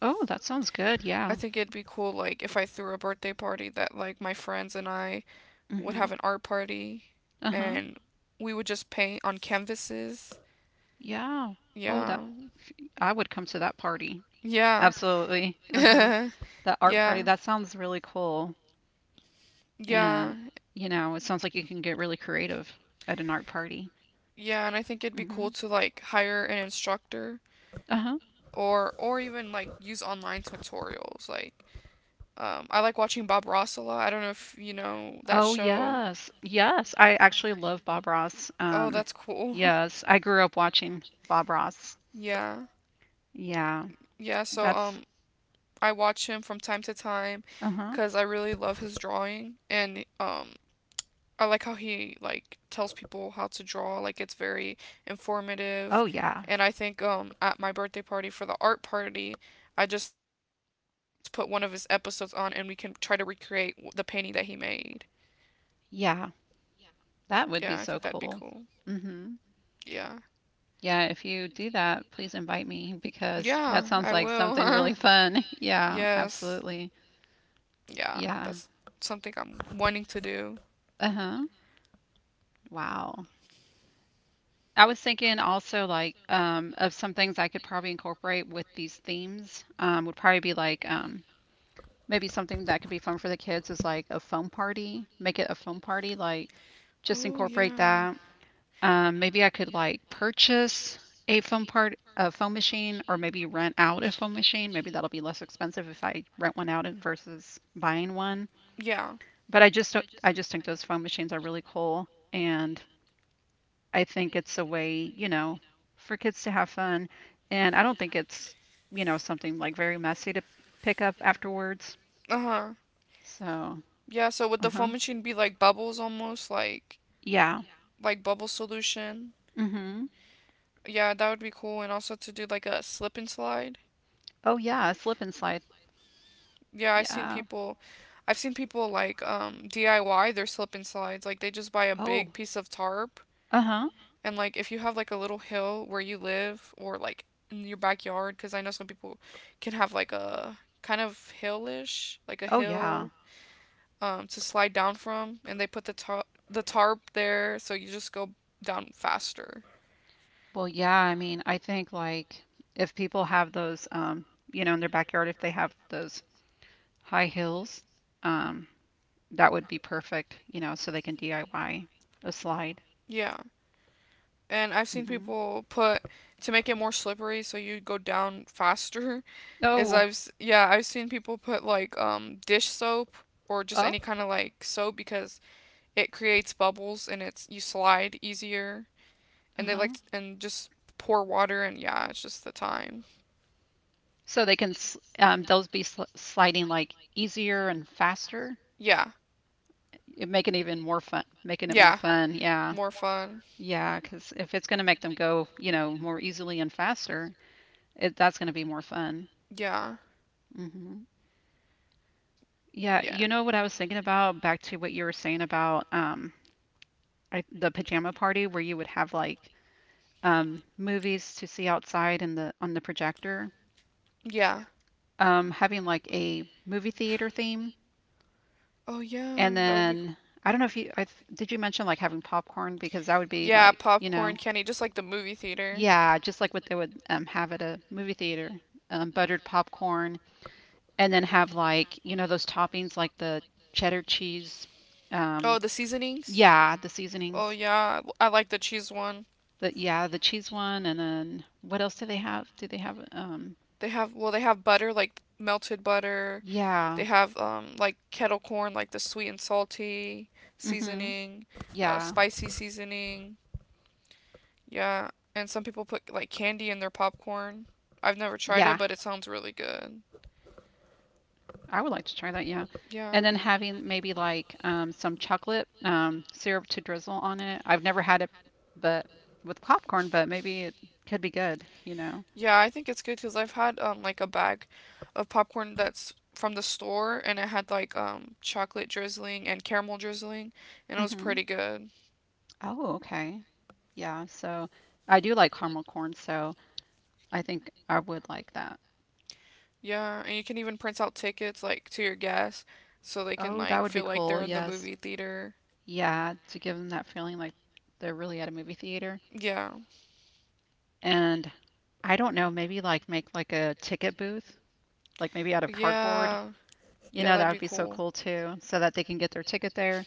Speaker 2: Oh, that sounds good.
Speaker 1: I
Speaker 2: Yeah.
Speaker 1: think it'd be cool like if I threw a birthday party that like my friends and I would have
Speaker 2: Mhm.
Speaker 1: an art party
Speaker 2: Uh-huh.
Speaker 1: and we would just paint on canvases.
Speaker 2: Yeah. Oh,
Speaker 1: Yeah,
Speaker 2: that I would come to that party.
Speaker 1: yeah. *laughs*
Speaker 2: Absolutely. Uh-huh.
Speaker 1: Yeah.
Speaker 2: That art party,
Speaker 1: Yeah.
Speaker 2: that sounds really cool.
Speaker 1: Yeah.
Speaker 2: And, you know, it sounds like you can get really creative at an art party.
Speaker 1: Yeah, and I think it'd be cool
Speaker 2: Hmm
Speaker 1: to like hire an instructor
Speaker 2: Uh-huh.
Speaker 1: or or even like use online tutorials. Like um I like watching Bob Ross a lot. I don't know if you know that
Speaker 2: Oh,
Speaker 1: show.
Speaker 2: yes. Yes. I actually love Bob Ross.
Speaker 1: Oh,
Speaker 2: Um,
Speaker 1: that's cool. *laughs*
Speaker 2: yes. I grew up watching Bob Ross.
Speaker 1: Yeah.
Speaker 2: Yeah.
Speaker 1: Yeah, so
Speaker 2: That's
Speaker 1: um I watch him from time to time,
Speaker 2: Uh-huh.
Speaker 1: cause I really love his drawing and um I like how he like tells people how to draw. Like it's very informative,
Speaker 2: Oh, yeah.
Speaker 1: and I think um at my birthday party for the art party, I just put one of his episodes on, and we can try to recreate the painting that he made.
Speaker 2: Yeah.
Speaker 1: Yeah, I
Speaker 2: That
Speaker 1: think
Speaker 2: would be
Speaker 1: that'd be
Speaker 2: so
Speaker 1: cool.
Speaker 2: cool. hmm
Speaker 1: Yeah,
Speaker 2: Yeah, if you do that, please invite me because that
Speaker 1: yeah,
Speaker 2: sounds
Speaker 1: I
Speaker 2: like something
Speaker 1: will.
Speaker 2: really fun. *laughs*
Speaker 1: *laughs*
Speaker 2: Yeah,
Speaker 1: Yes,
Speaker 2: absolutely.
Speaker 1: yeah,
Speaker 2: Yeah.
Speaker 1: that's something I'm wanting to do.
Speaker 2: Uh-huh. Wow. I was thinking also like um of some things I could probably incorporate with these themes. Um would probably be like um maybe something that could be fun for the kids is like a foam party. Make it a foam party, like just
Speaker 1: Oh
Speaker 2: incorporate
Speaker 1: yeah.
Speaker 2: that. Um, maybe I could like purchase a foam part a foam machine or maybe rent out a foam machine. Maybe that'll be less expensive if I rent one out versus buying one.
Speaker 1: Yeah.
Speaker 2: But I just don't- I just think those foam machines are really cool and I think it's a way, you know, for kids to have fun and I don't think it's, you know, something like very messy to pick up afterwards.
Speaker 1: Uh huh.
Speaker 2: So,
Speaker 1: Yeah. So would the
Speaker 2: uh-huh.
Speaker 1: foam machine be like bubbles almost, like
Speaker 2: Yeah.
Speaker 1: like bubble solution?
Speaker 2: Mhm.
Speaker 1: Yeah, that would be cool. And also to do like a slip and slide.
Speaker 2: Oh yeah, a slip and slide.
Speaker 1: Yeah, I've seen
Speaker 2: Yeah.
Speaker 1: people, I've seen people like um D I Y their slip and slides. Like they just buy a
Speaker 2: Oh.
Speaker 1: big piece of tarp
Speaker 2: Uh-huh.
Speaker 1: and like if you have like a little hill where you live or like in your backyard, because I know some people can have like a kind of hillish, like a
Speaker 2: Oh yeah.
Speaker 1: hill. Um, to slide down from, and they put the tar- the tarp there, so you just go down faster.
Speaker 2: Well, yeah, I mean, I think like if people have those, um, you know, in their backyard, if they have those high hills, um, that would be perfect, you know, so they can D I Y a slide.
Speaker 1: Yeah, and I've seen
Speaker 2: Hmm
Speaker 1: people put to make it more slippery, so you go down faster. *laughs* Is
Speaker 2: Oh,
Speaker 1: I've yeah I've seen people put like um dish soap or just
Speaker 2: oh,
Speaker 1: any kind of like soap because it creates bubbles and it's you slide easier, and they
Speaker 2: uh-huh.
Speaker 1: like to, and just pour water and yeah it's just the time.
Speaker 2: So they can, s- um, those be sl sliding like easier and faster,
Speaker 1: Yeah,
Speaker 2: it- making it even more fun, making it more
Speaker 1: yeah,
Speaker 2: fun. Yeah,
Speaker 1: more fun.
Speaker 2: yeah, because if it's going to make them go, you know, more easily and faster, it, that's going to be more fun.
Speaker 1: Yeah,
Speaker 2: Hmm Yeah,
Speaker 1: yeah,
Speaker 2: you know what I was thinking about, back to what you were saying about um I, the pajama party where you would have like um movies to see outside in the on the projector.
Speaker 1: yeah.
Speaker 2: Um, having like a movie theater theme,
Speaker 1: Oh
Speaker 2: and
Speaker 1: yeah, that would be cool.
Speaker 2: then I don't know if you I th- did you mention like having popcorn because that would be
Speaker 1: Yeah,
Speaker 2: like, you
Speaker 1: popcorn
Speaker 2: know,
Speaker 1: candy, just like the movie theater.
Speaker 2: yeah, just like what they would um have at a movie theater. Um, buttered popcorn and then have like, you know, those toppings like the cheddar cheese
Speaker 1: Oh,
Speaker 2: um
Speaker 1: the seasonings.
Speaker 2: yeah, the
Speaker 1: Oh
Speaker 2: seasonings.
Speaker 1: yeah, I like the cheese one.
Speaker 2: The Yeah, the cheese one, and then what else do they have? Do they have um?
Speaker 1: They have well, they have butter like melted butter. They
Speaker 2: Yeah.
Speaker 1: have um like kettle corn, like the sweet and salty
Speaker 2: Mhm.
Speaker 1: seasoning, uh
Speaker 2: Yeah.
Speaker 1: spicy seasoning. Yeah, and some people put like candy in their popcorn. I've never tried it,
Speaker 2: Yeah.
Speaker 1: but it sounds really good.
Speaker 2: I would like to try that. Yeah.
Speaker 1: Yeah.
Speaker 2: And then having maybe like um some chocolate um syrup to drizzle on it. I've never had it, but with popcorn, but maybe it could be good. You know.
Speaker 1: Yeah, I think it's good because I've had um like a bag of popcorn that's from the store and it had like um chocolate drizzling and caramel drizzling and it was
Speaker 2: Mhm.
Speaker 1: pretty good.
Speaker 2: Oh, okay. Yeah. So I do like caramel corn, so I think I would like that.
Speaker 1: Yeah, and you can even print out tickets like to your guests so they can
Speaker 2: Oh, that
Speaker 1: like
Speaker 2: would be
Speaker 1: feel like
Speaker 2: cool.
Speaker 1: they're in the
Speaker 2: Yes.
Speaker 1: movie theater.
Speaker 2: Yeah, to give them that feeling like they're really at a movie theater.
Speaker 1: Yeah.
Speaker 2: And I don't know, maybe like make like a ticket booth, like maybe out of cardboard.
Speaker 1: Yeah.
Speaker 2: You
Speaker 1: Yeah,
Speaker 2: know, that
Speaker 1: that'd
Speaker 2: would
Speaker 1: be
Speaker 2: be so
Speaker 1: cool.
Speaker 2: cool too, so that they can get their ticket there.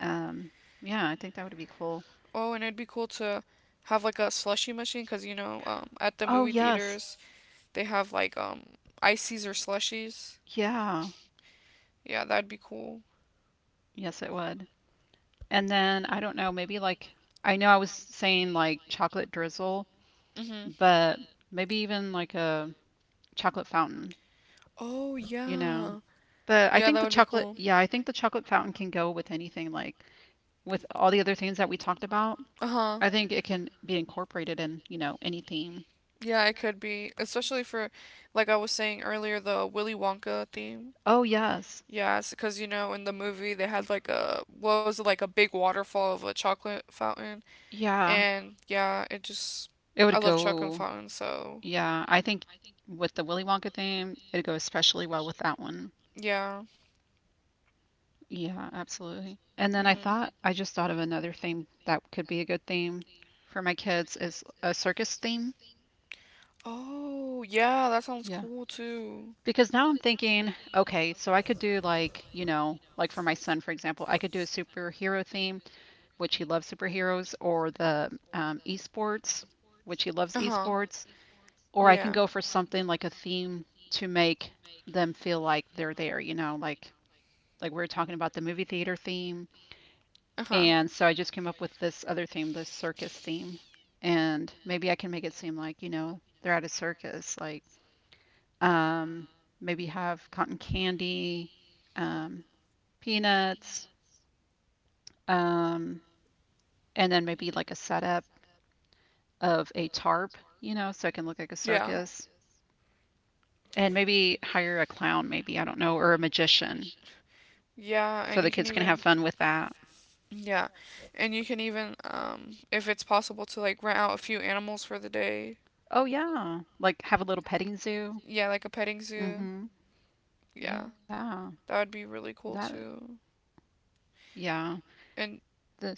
Speaker 2: Um, yeah, I think that would be cool.
Speaker 1: Oh, and it'd be cool to have like a slushy machine because you know, um, at the
Speaker 2: Oh,
Speaker 1: movie
Speaker 2: yes.
Speaker 1: theaters they have like um ices or slushies.
Speaker 2: Yeah.
Speaker 1: Yeah, that'd be cool.
Speaker 2: Yes, it would. And then I don't know, maybe like I know I was saying like chocolate drizzle,
Speaker 1: Mhm.
Speaker 2: but maybe even like a chocolate fountain,
Speaker 1: Oh
Speaker 2: you know.
Speaker 1: yeah.
Speaker 2: But I
Speaker 1: Yeah,
Speaker 2: think
Speaker 1: that
Speaker 2: the
Speaker 1: would be
Speaker 2: chocolate,
Speaker 1: cool.
Speaker 2: yeah, I think the chocolate fountain can go with anything like with all the other things that we talked about,
Speaker 1: Uh-huh.
Speaker 2: I think it can be incorporated in, you know, any theme.
Speaker 1: Yeah, it could be, especially for, like I was saying earlier, the Willy Wonka theme.
Speaker 2: Oh, yes.
Speaker 1: Yes, because you know in the movie they had like a what was it like a big waterfall of a chocolate fountain,
Speaker 2: Yeah.
Speaker 1: and yeah, it just
Speaker 2: It
Speaker 1: I
Speaker 2: would
Speaker 1: love chocolate
Speaker 2: go,
Speaker 1: fountains, so
Speaker 2: yeah. I think with the Willy Wonka theme, it'd go especially well with that one.
Speaker 1: yeah.
Speaker 2: Yeah, absolutely. And then I
Speaker 1: Mhm.
Speaker 2: thought, I just thought of another theme that could be a good theme for my kids is a circus theme.
Speaker 1: Oh yeah, that sounds
Speaker 2: Yeah.
Speaker 1: cool too.
Speaker 2: Because now I'm thinking, okay, so I could do like, you know, like for my son, for example, I could do a superhero theme, which he loves superheroes, or the um, esports, which he loves
Speaker 1: Uh-huh.
Speaker 2: esports, or I
Speaker 1: Yeah.
Speaker 2: can go for something like a theme to make them feel like they're there, you know, like like we were talking about the movie theater theme.
Speaker 1: Uh-huh.
Speaker 2: And so I just came up with this other theme, the circus theme. And maybe I can make it seem like, you know, they're at a circus, like um, maybe have cotton candy, um, peanuts, um, and then maybe like a setup of a tarp, you know, so it can look like a
Speaker 1: Yeah.
Speaker 2: circus. And maybe hire a clown, maybe, I don't know, or a magician.
Speaker 1: Yeah,
Speaker 2: So
Speaker 1: and
Speaker 2: the
Speaker 1: you can
Speaker 2: kids can have
Speaker 1: even
Speaker 2: fun with that.
Speaker 1: yeah. And you can even um if it's possible to like rent out a few animals for the day.
Speaker 2: Oh yeah. Like have a little petting zoo.
Speaker 1: Yeah, like a petting zoo.
Speaker 2: Mm-hmm.
Speaker 1: Yeah.
Speaker 2: Yeah.
Speaker 1: That would be really
Speaker 2: That
Speaker 1: cool too.
Speaker 2: yeah.
Speaker 1: And
Speaker 2: This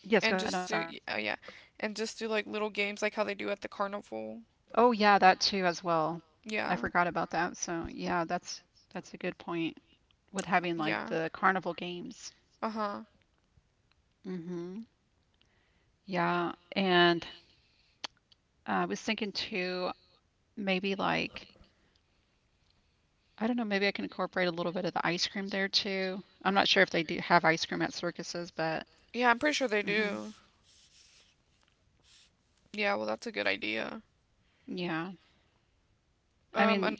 Speaker 2: Yes, go
Speaker 1: and
Speaker 2: ahead, I'm
Speaker 1: just do
Speaker 2: sorry.
Speaker 1: oh yeah. And just do like little games like how they do at the carnival.
Speaker 2: Oh yeah, that too as well. I
Speaker 1: Yeah.
Speaker 2: forgot about that. So yeah, that's that's a good point with having like
Speaker 1: Yeah.
Speaker 2: the carnival games.
Speaker 1: Uh-huh.
Speaker 2: Mm-hmm. Yeah. And uh, I was thinking too, maybe like I don't know, maybe I can incorporate a little bit of the ice cream there too. I'm not sure if they do have ice cream at circuses, but
Speaker 1: Yeah, I'm pretty sure they
Speaker 2: hmm
Speaker 1: do. Yeah, well, that's a good idea.
Speaker 2: yeah. I
Speaker 1: Um, an-
Speaker 2: mean,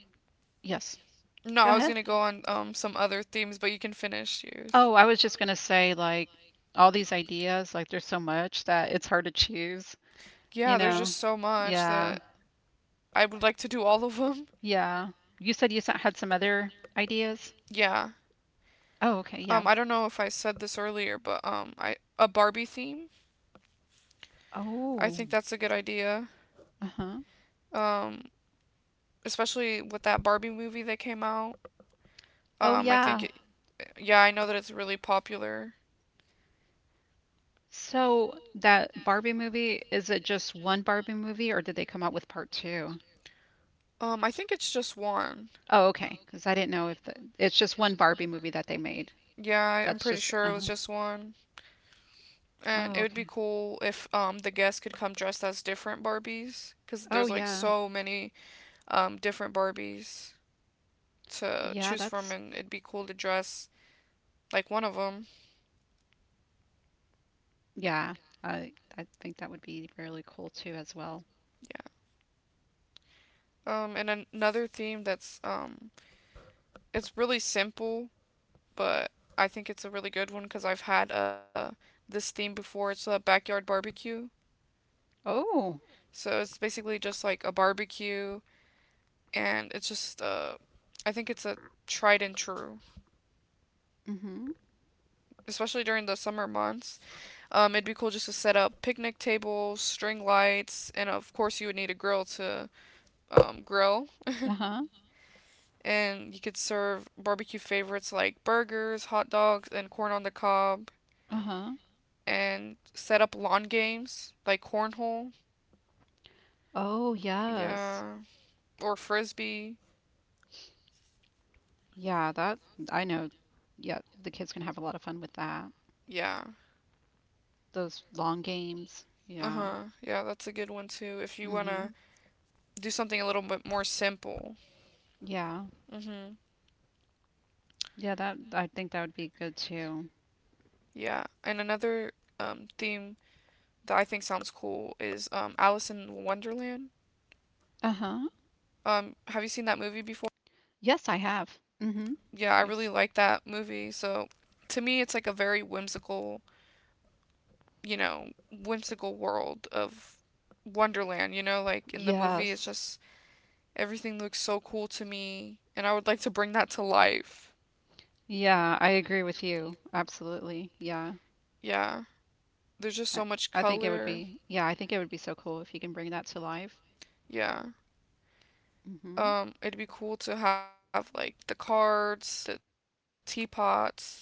Speaker 2: yes.
Speaker 1: no,
Speaker 2: Go
Speaker 1: I was
Speaker 2: ahead.
Speaker 1: gonna go on um some other themes, but you can finish yours.
Speaker 2: Oh, I was just gonna say like all these ideas, like there's so much that it's hard to choose, you
Speaker 1: Yeah, there's just
Speaker 2: know?
Speaker 1: so much
Speaker 2: Yeah.
Speaker 1: that I would like to do all of them.
Speaker 2: Yeah. You said you s- had some other ideas?
Speaker 1: Yeah.
Speaker 2: Oh, okay, yeah.
Speaker 1: Um, I don't know if I said this earlier, but um, I a Barbie theme. I
Speaker 2: Oh,
Speaker 1: think that's a good idea.
Speaker 2: uh-huh.
Speaker 1: Um, especially with that Barbie movie that came out.
Speaker 2: Oh,
Speaker 1: Um, I think
Speaker 2: yeah.
Speaker 1: it. Yeah, I know that it's really popular.
Speaker 2: So that Barbie movie, is it just one Barbie movie or did they come out with part two?
Speaker 1: Um, I think it's just one.
Speaker 2: Oh, okay. Because I didn't know if the, it's just one Barbie movie that they made.
Speaker 1: Yeah, I- I'm
Speaker 2: That's
Speaker 1: pretty
Speaker 2: just,
Speaker 1: sure it was
Speaker 2: uh-huh.
Speaker 1: just one. And
Speaker 2: Oh,
Speaker 1: it would be
Speaker 2: okay.
Speaker 1: cool if um, the guests could come dressed as different Barbies, because
Speaker 2: Oh,
Speaker 1: there's like
Speaker 2: yeah.
Speaker 1: so many um, different Barbies to
Speaker 2: Yeah,
Speaker 1: choose from,
Speaker 2: that's,
Speaker 1: and it'd be cool to dress like one of them.
Speaker 2: yeah. I I think that would be really cool too as well.
Speaker 1: Yeah. Um, and an- another theme that's um, it's really simple, but I think it's a really good one because I've had uh this theme before. It's a backyard barbecue,
Speaker 2: Oh,
Speaker 1: so it's basically just like a barbecue, and it's just uh, I think it's a tried and true,
Speaker 2: mm-hmm.
Speaker 1: especially during the summer months. Um, it'd be cool just to set up picnic tables, string lights, and of course you would need a grill to um, grill.
Speaker 2: Uh-huh.
Speaker 1: And you could serve barbecue favorites like burgers, hot dogs, and corn on the cob.
Speaker 2: Uh-huh.
Speaker 1: And set up lawn games like cornhole,
Speaker 2: Oh, yes.
Speaker 1: yeah, or frisbee,
Speaker 2: Yeah, that, I know. Yeah, the kids can have a lot of fun with that.
Speaker 1: yeah.
Speaker 2: Those long games.
Speaker 1: Uh
Speaker 2: Yeah.
Speaker 1: huh. Yeah, that's a good one too. If you wanna
Speaker 2: Mm-hmm.
Speaker 1: do something a little bit more simple.
Speaker 2: Yeah.
Speaker 1: Mhm.
Speaker 2: Yeah, that I think that would be good too.
Speaker 1: Yeah. And another um theme that I think sounds cool is um Alice in Wonderland.
Speaker 2: Uh-huh.
Speaker 1: Um, have you seen that movie before?
Speaker 2: Yes, I have. Mm-hmm.
Speaker 1: Yeah, I
Speaker 2: I've
Speaker 1: really
Speaker 2: s-
Speaker 1: like that movie. So to me, it's like a very whimsical, you know, whimsical world of Wonderland. You know, like in the movie, it's
Speaker 2: yes.
Speaker 1: just everything looks so cool to me, and I would like to bring that to life.
Speaker 2: Yeah, I agree with you. Absolutely. Yeah.
Speaker 1: Yeah, there's just
Speaker 2: I,
Speaker 1: so much
Speaker 2: I think it would
Speaker 1: color.
Speaker 2: be yeah, I think it would be so cool if you can bring that to life.
Speaker 1: Yeah,
Speaker 2: Mm-hmm.
Speaker 1: um, it'd be cool to have like the cards, the teapots,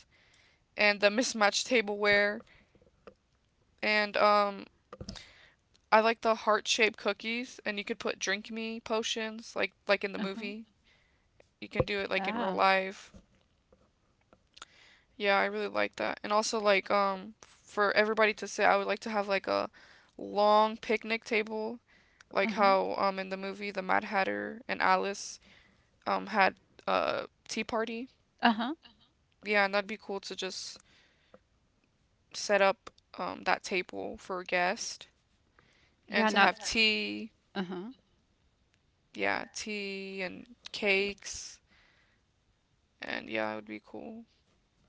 Speaker 1: and the mismatched tableware, and um, I like the heart shaped cookies, and you could put drink me potions, like like in the
Speaker 2: Uh-huh.
Speaker 1: movie. You can do it like in real
Speaker 2: Yeah.
Speaker 1: life. Yeah, I really like that. And also like um for everybody to sit, I would like to have like a long picnic table, like
Speaker 2: Uh-huh.
Speaker 1: how um in the movie the Mad Hatter and Alice um had a tea party.
Speaker 2: Uh-huh.
Speaker 1: Yeah, and that'd be cool to just set up um that table for a guest and
Speaker 2: Yeah,
Speaker 1: to
Speaker 2: not
Speaker 1: have tea.
Speaker 2: uh-huh.
Speaker 1: Yeah, tea and cakes. And yeah, it would be cool.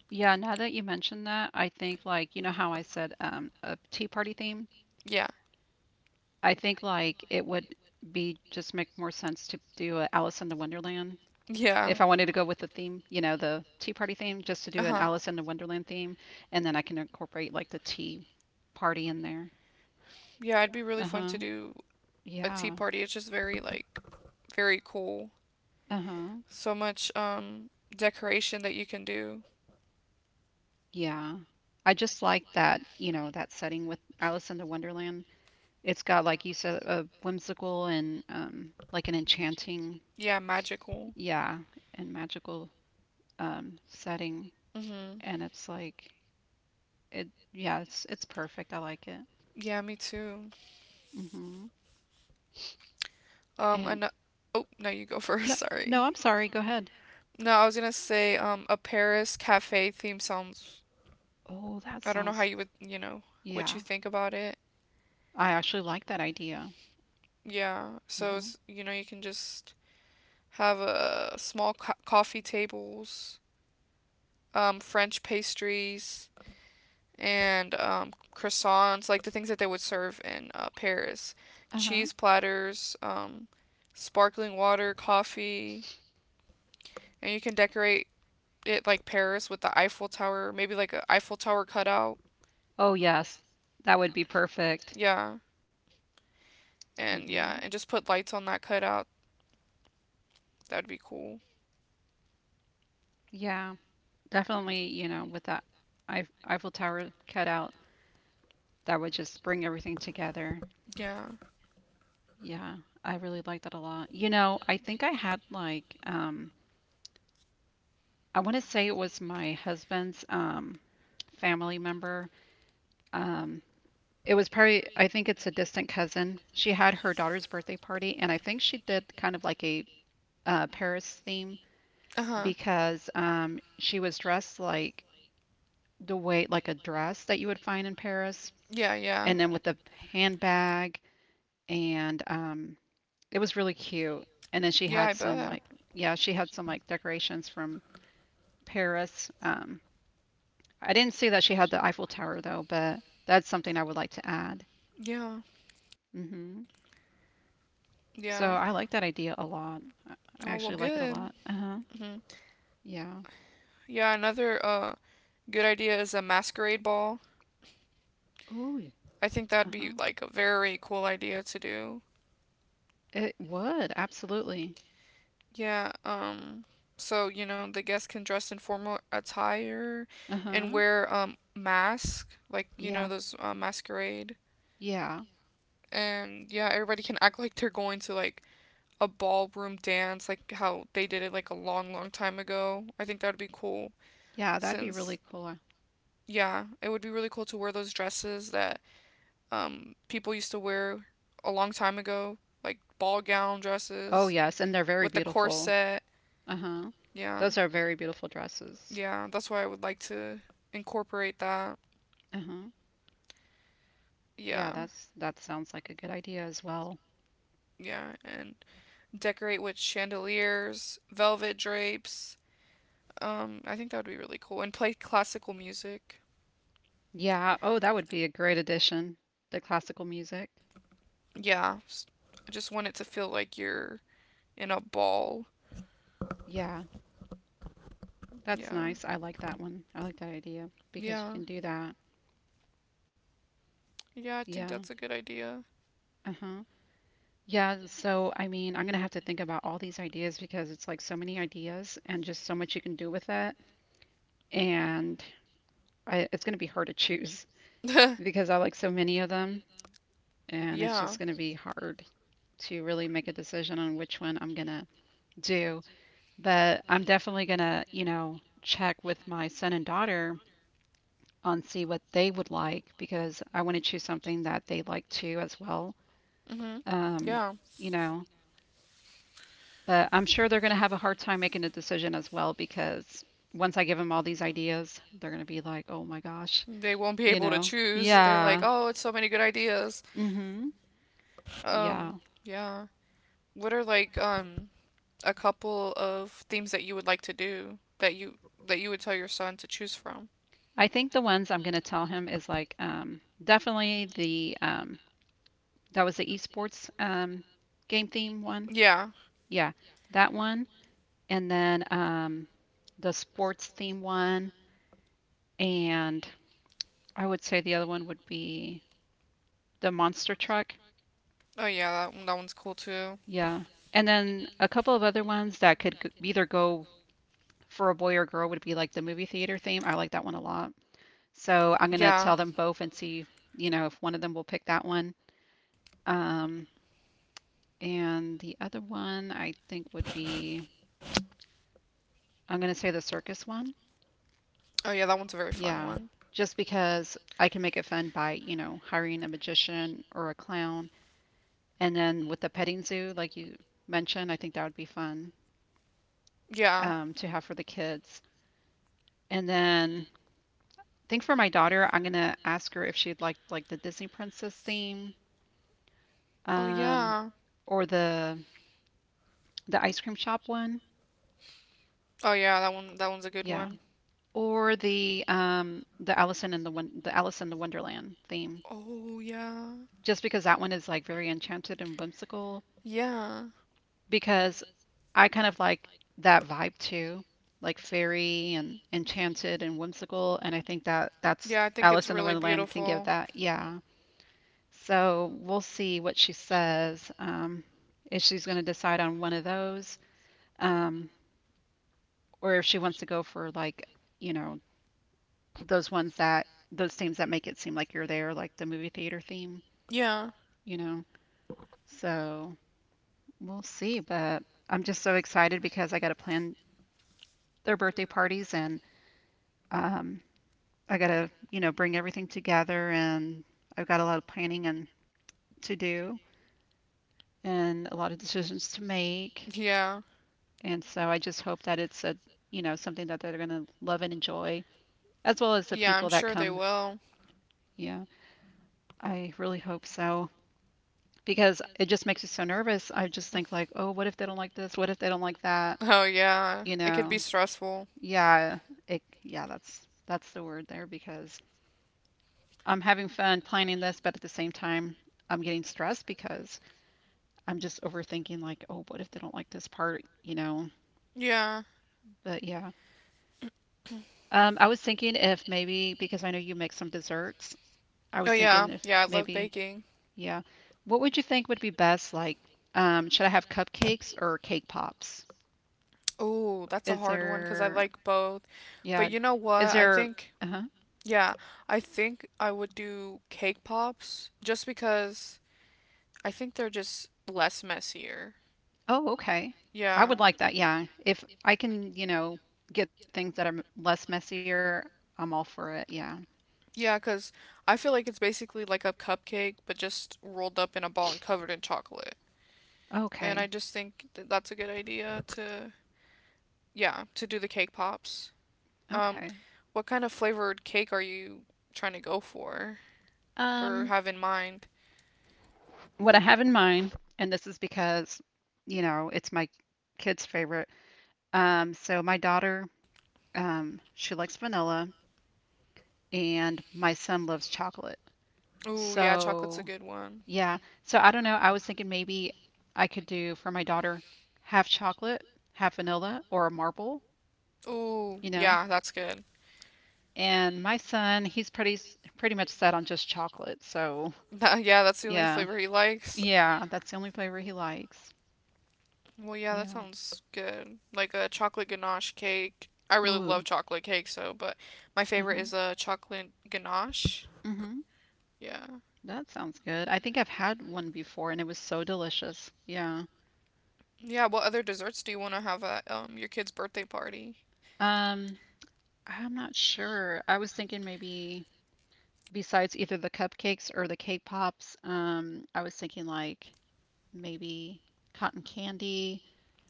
Speaker 2: Yeah, now that you mentioned that, I think like you know how I said um a tea party theme?
Speaker 1: Yeah.
Speaker 2: I think like it would be just make more sense to do a Alice in the Wonderland
Speaker 1: Yeah.
Speaker 2: if I wanted to go with the theme, you know, the tea party theme, just to
Speaker 1: Uh
Speaker 2: do an
Speaker 1: huh.
Speaker 2: Alice in the Wonderland theme, and then I can incorporate like the tea party in there.
Speaker 1: Yeah, it'd be really fun
Speaker 2: Uh-huh.
Speaker 1: to do a tea
Speaker 2: Yeah.
Speaker 1: party. It's just very, like, very cool.
Speaker 2: Uh-huh.
Speaker 1: So much, um, decoration that you can do.
Speaker 2: Yeah. I just like that, you know, that setting with Alice in the Wonderland. It's got, like you said, a whimsical and um, like an enchanting,
Speaker 1: Yeah, magical.
Speaker 2: yeah, and magical um, setting.
Speaker 1: Mm-hmm.
Speaker 2: And it's like, It yeah, it's it's perfect. I like it.
Speaker 1: Yeah, me too.
Speaker 2: Hmm
Speaker 1: Um,
Speaker 2: And
Speaker 1: an- oh, no, you go
Speaker 2: no,
Speaker 1: first, *laughs*
Speaker 2: no,
Speaker 1: sorry.
Speaker 2: I'm sorry. Go ahead.
Speaker 1: No, I was gonna say, um, a Paris cafe theme sounds.
Speaker 2: Oh, that
Speaker 1: I don't know how
Speaker 2: sounds
Speaker 1: you would, you know, what you
Speaker 2: yeah.
Speaker 1: think about it.
Speaker 2: I actually like that idea.
Speaker 1: Yeah, so
Speaker 2: Uh-huh.
Speaker 1: it's, you know, you can just have uh, small co- coffee tables, um, French pastries, and um, croissants, like the things that they would serve in uh, Paris. Cheese
Speaker 2: Uh-huh.
Speaker 1: platters, um, sparkling water, coffee, and you can decorate it like Paris with the Eiffel Tower, maybe like a Eiffel Tower cutout.
Speaker 2: Oh yes, that would be perfect.
Speaker 1: Yeah, and yeah,
Speaker 2: Hmm
Speaker 1: and just put lights on that cutout. That'd be cool.
Speaker 2: Yeah, definitely. You know, with that Eif- Eiffel Tower cutout that would just bring everything together.
Speaker 1: Yeah.
Speaker 2: Yeah, I really like that a lot. You know, I think I had like um, I want to say it was my husband's um family member. Um. It was probably, I think it's a distant cousin. She had her daughter's birthday party, and I think she did kind of like a uh, Paris theme
Speaker 1: Uh huh.
Speaker 2: because um, she was dressed like the way, like a dress that you would find in Paris,
Speaker 1: Yeah, yeah.
Speaker 2: and then with the handbag, and um, it was really cute. And then she
Speaker 1: Yeah,
Speaker 2: had
Speaker 1: I
Speaker 2: some
Speaker 1: bet.
Speaker 2: like, yeah, she had some like decorations from Paris. Um, I didn't see that she had the Eiffel Tower though, but that's something I would like to add.
Speaker 1: Yeah.
Speaker 2: Hmm So
Speaker 1: Yeah.
Speaker 2: I like that idea a lot. I I
Speaker 1: Oh, well,
Speaker 2: actually like it a
Speaker 1: good.
Speaker 2: lot. Uh-huh.
Speaker 1: Hmm.
Speaker 2: Yeah.
Speaker 1: Yeah, another uh good idea is a masquerade ball. I think that'd be
Speaker 2: Uh-huh.
Speaker 1: like a very cool idea to do.
Speaker 2: It would, absolutely.
Speaker 1: Yeah, um so, you know, the guests can dress in formal attire and
Speaker 2: Uh-huh.
Speaker 1: wear um mask, like, you know,
Speaker 2: Yeah.
Speaker 1: those uh, masquerade.
Speaker 2: Yeah.
Speaker 1: And yeah, everybody can act like they're going to like a ballroom dance, like how they did it like a long, long time ago. I think that'd be cool.
Speaker 2: Yeah, that'd be
Speaker 1: Since
Speaker 2: really cool.
Speaker 1: yeah, it would be really cool to wear those dresses that um, people used to wear a long time ago, like ball gown
Speaker 2: Oh,
Speaker 1: dresses
Speaker 2: yes, and they're very
Speaker 1: with the
Speaker 2: beautiful.
Speaker 1: corset.
Speaker 2: Uh-huh.
Speaker 1: Yeah.
Speaker 2: Those are very beautiful dresses.
Speaker 1: Yeah, that's why I would like to incorporate that.
Speaker 2: Uh-huh.
Speaker 1: Yeah.
Speaker 2: Yeah, that's that sounds like a good idea as well.
Speaker 1: Yeah, and decorate with chandeliers, velvet drapes. Um, I think that would be really cool. And play classical music.
Speaker 2: Yeah. Oh, that would be a great addition. The classical music.
Speaker 1: Yeah. s- I just want it to feel like you're in a ball.
Speaker 2: Yeah. That's
Speaker 1: Yeah.
Speaker 2: nice. I like that one. I like that idea because you
Speaker 1: Yeah.
Speaker 2: can do that.
Speaker 1: Yeah, I think
Speaker 2: Yeah.
Speaker 1: that's a good idea.
Speaker 2: Uh-huh. Yeah, so I mean, I'm gonna have to think about all these ideas because it's like so many ideas and just so much you can do with it. And I, it's gonna be hard to choose *laughs*
Speaker 1: *laughs*
Speaker 2: because I like so many of them, and it's
Speaker 1: Yeah.
Speaker 2: just gonna be hard to really make a decision on which one I'm gonna do. But I'm definitely gonna, you know, check with my son and daughter on see what they would like because I want to choose something that they like too as well.
Speaker 1: Hmm.
Speaker 2: Um,
Speaker 1: Yeah.
Speaker 2: you know. But I'm sure they're going to have a hard time making a decision as well because once I give them all these ideas, they're going to be like, oh my gosh,
Speaker 1: They won't be
Speaker 2: you
Speaker 1: able to
Speaker 2: know?
Speaker 1: choose. They're like,
Speaker 2: Yeah.
Speaker 1: oh, it's so many good ideas.
Speaker 2: Mm-hmm. Yeah.
Speaker 1: Um, yeah. What are like um a couple of themes that you would like to do that you that you would tell your son to choose from?
Speaker 2: I think the ones I'm going to tell him is like um, definitely the um, that was the esports um, game theme one.
Speaker 1: Yeah.
Speaker 2: Yeah, that one. And then um, the sports theme one. And I would say the other one would be the monster truck.
Speaker 1: Oh yeah, that one, that one's cool too.
Speaker 2: Yeah. And then a couple of other ones that could g- either go for a boy or girl would be like the movie theater theme. I like that one a lot. So I'm gonna
Speaker 1: Yeah.
Speaker 2: tell them both and see, you know, if one of them will pick that one. Um, and the other one I think would be I'm gonna say the circus one.
Speaker 1: Oh yeah, that one's a very fun
Speaker 2: Yeah.
Speaker 1: one.
Speaker 2: Just because I can make it fun by, you know, hiring a magician or a clown. And then with the petting zoo, like you mentioned, I think that would be fun
Speaker 1: Yeah.
Speaker 2: um, to have for the kids. And then think for my daughter, I'm gonna ask her if she'd like like the Disney princess theme,
Speaker 1: Oh
Speaker 2: um,
Speaker 1: yeah.
Speaker 2: or the the ice cream shop one.
Speaker 1: Oh yeah, that one that one's a good
Speaker 2: Yeah.
Speaker 1: one.
Speaker 2: Or the um the Alice in the Won- the Alice in the Wonderland theme.
Speaker 1: Oh, yeah.
Speaker 2: Just because that one is like very enchanted and whimsical
Speaker 1: Yeah.
Speaker 2: because I kind of like that vibe too. Like fairy and enchanted and whimsical, and I think that that's
Speaker 1: Yeah, I think it's
Speaker 2: Alice in the
Speaker 1: really
Speaker 2: Wonderland can give
Speaker 1: beautiful.
Speaker 2: that. Yeah. So we'll see what she says. Um, if she's going to decide on one of those, um, or if she wants to go for like, you know, those ones that those themes that make it seem like you're there, like the movie theater theme,
Speaker 1: Yeah.
Speaker 2: you know. So we'll see. But I'm just so excited because I got to plan their birthday parties, and um, I got to, you know, bring everything together, and I've got a lot of planning and to do and a lot of decisions to make.
Speaker 1: Yeah.
Speaker 2: And so I just hope that it's a, you know, something that they're going to love and enjoy, as well as the
Speaker 1: Yeah, I'm
Speaker 2: people that
Speaker 1: sure they
Speaker 2: come.
Speaker 1: will.
Speaker 2: Yeah, I really hope so because it just makes me so nervous. I just think like, oh,
Speaker 1: *laughs*
Speaker 2: what if they don't like this? What if they don't like that?
Speaker 1: Oh, yeah.
Speaker 2: You
Speaker 1: It could
Speaker 2: know.
Speaker 1: be stressful.
Speaker 2: Yeah, it yeah, that's that's the word there because I'm having fun planning this, but at the same time, I'm getting stressed because I'm just overthinking like, oh, what if they don't like this part, you know?
Speaker 1: Yeah.
Speaker 2: But yeah. Um, I was thinking if maybe, because I know you make some desserts, I
Speaker 1: Oh,
Speaker 2: was thinking
Speaker 1: yeah.
Speaker 2: if
Speaker 1: Yeah, I love
Speaker 2: maybe,
Speaker 1: baking.
Speaker 2: yeah. What would you think would be best? Like, um, should I have cupcakes or cake pops?
Speaker 1: Oh, that's a
Speaker 2: Is
Speaker 1: hard one because I
Speaker 2: there,
Speaker 1: like both. But
Speaker 2: yeah,
Speaker 1: you know
Speaker 2: is
Speaker 1: what? I
Speaker 2: there,
Speaker 1: think,
Speaker 2: uh-huh.
Speaker 1: yeah, I think I would do cake pops just because. I think they're just less messier.
Speaker 2: Oh, okay. I
Speaker 1: Yeah.
Speaker 2: would like that, yeah. If I can, you know, get things that are m- less messier, I'm all for it, yeah.
Speaker 1: Yeah, because I feel like it's basically like a cupcake, but just rolled up in a ball and covered in chocolate. And I
Speaker 2: Okay,
Speaker 1: just think that that's a good idea to, yeah, to do the cake pops. Um,
Speaker 2: okay.
Speaker 1: what kind of flavored cake are you trying to go for or
Speaker 2: Um,
Speaker 1: have in mind?
Speaker 2: what I have in mind, and this is because, you know, it's my kid's favorite. Um, so my daughter Um, she likes vanilla, and my son loves chocolate.
Speaker 1: Ooh, yeah, chocolate's a
Speaker 2: So,
Speaker 1: good one.
Speaker 2: yeah. So I don't know. I was thinking maybe I could do for my daughter half chocolate, half vanilla, or a marble,
Speaker 1: Ooh,
Speaker 2: you know.
Speaker 1: yeah, that's good.
Speaker 2: And my son, he's pretty s- pretty much set on just chocolate. So,
Speaker 1: *laughs* yeah, that's the only
Speaker 2: yeah.
Speaker 1: flavor he likes.
Speaker 2: Yeah, that's the only flavor he likes.
Speaker 1: Well, yeah, that
Speaker 2: Yeah.
Speaker 1: sounds good. Like a chocolate ganache cake. I really love
Speaker 2: Ooh.
Speaker 1: chocolate cake, so, but my favorite
Speaker 2: Uh-huh.
Speaker 1: is a chocolate ganache.
Speaker 2: Mm-hmm.
Speaker 1: Yeah.
Speaker 2: That sounds good. I think I've had one before and it was so delicious. Yeah.
Speaker 1: Yeah, what other desserts do you want to have at um your kid's birthday party?
Speaker 2: Um, I'm not sure. I was thinking maybe besides either the cupcakes or the cake pops, um, I was thinking like maybe cotton candy.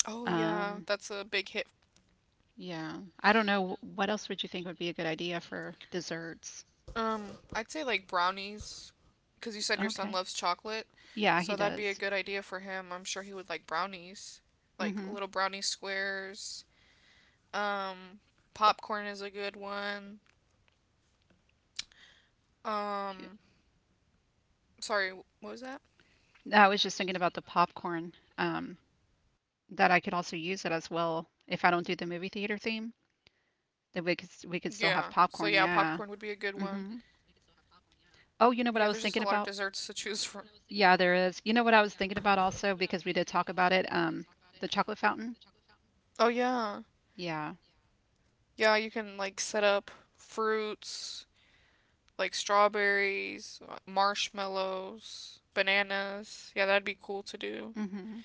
Speaker 1: Oh, yeah,
Speaker 2: Um,
Speaker 1: that's a big hit.
Speaker 2: yeah. I don't know. What else would you think would be a good idea for desserts?
Speaker 1: Um, I'd say like brownies, because you said your son
Speaker 2: Okay.
Speaker 1: loves chocolate,
Speaker 2: Yeah, he
Speaker 1: so that'd be a
Speaker 2: does.
Speaker 1: good idea for him. I'm sure he would like brownies, like
Speaker 2: Mm-hmm.
Speaker 1: little brownie squares. Um, popcorn is a good one. Um, sorry, what was that?
Speaker 2: I was just thinking about the popcorn, um, that I could also use it as well if I don't do the movie
Speaker 1: Yeah.
Speaker 2: theater
Speaker 1: So yeah,
Speaker 2: theme,
Speaker 1: popcorn would be a good
Speaker 2: then we could
Speaker 1: one.
Speaker 2: we could still have popcorn. Yeah. Mm-hmm.
Speaker 1: Yeah, there's just a lot of desserts
Speaker 2: Oh,
Speaker 1: to
Speaker 2: you know what
Speaker 1: choose
Speaker 2: I was
Speaker 1: from.
Speaker 2: thinking about? Yeah, there is. You know what I was thinking about also because we did talk about it, um, the chocolate fountain.
Speaker 1: Oh yeah.
Speaker 2: Yeah.
Speaker 1: Yeah, you can like set up fruits, like strawberries, uh, marshmallows, bananas. Yeah, that'd be cool to do.
Speaker 2: Hmm.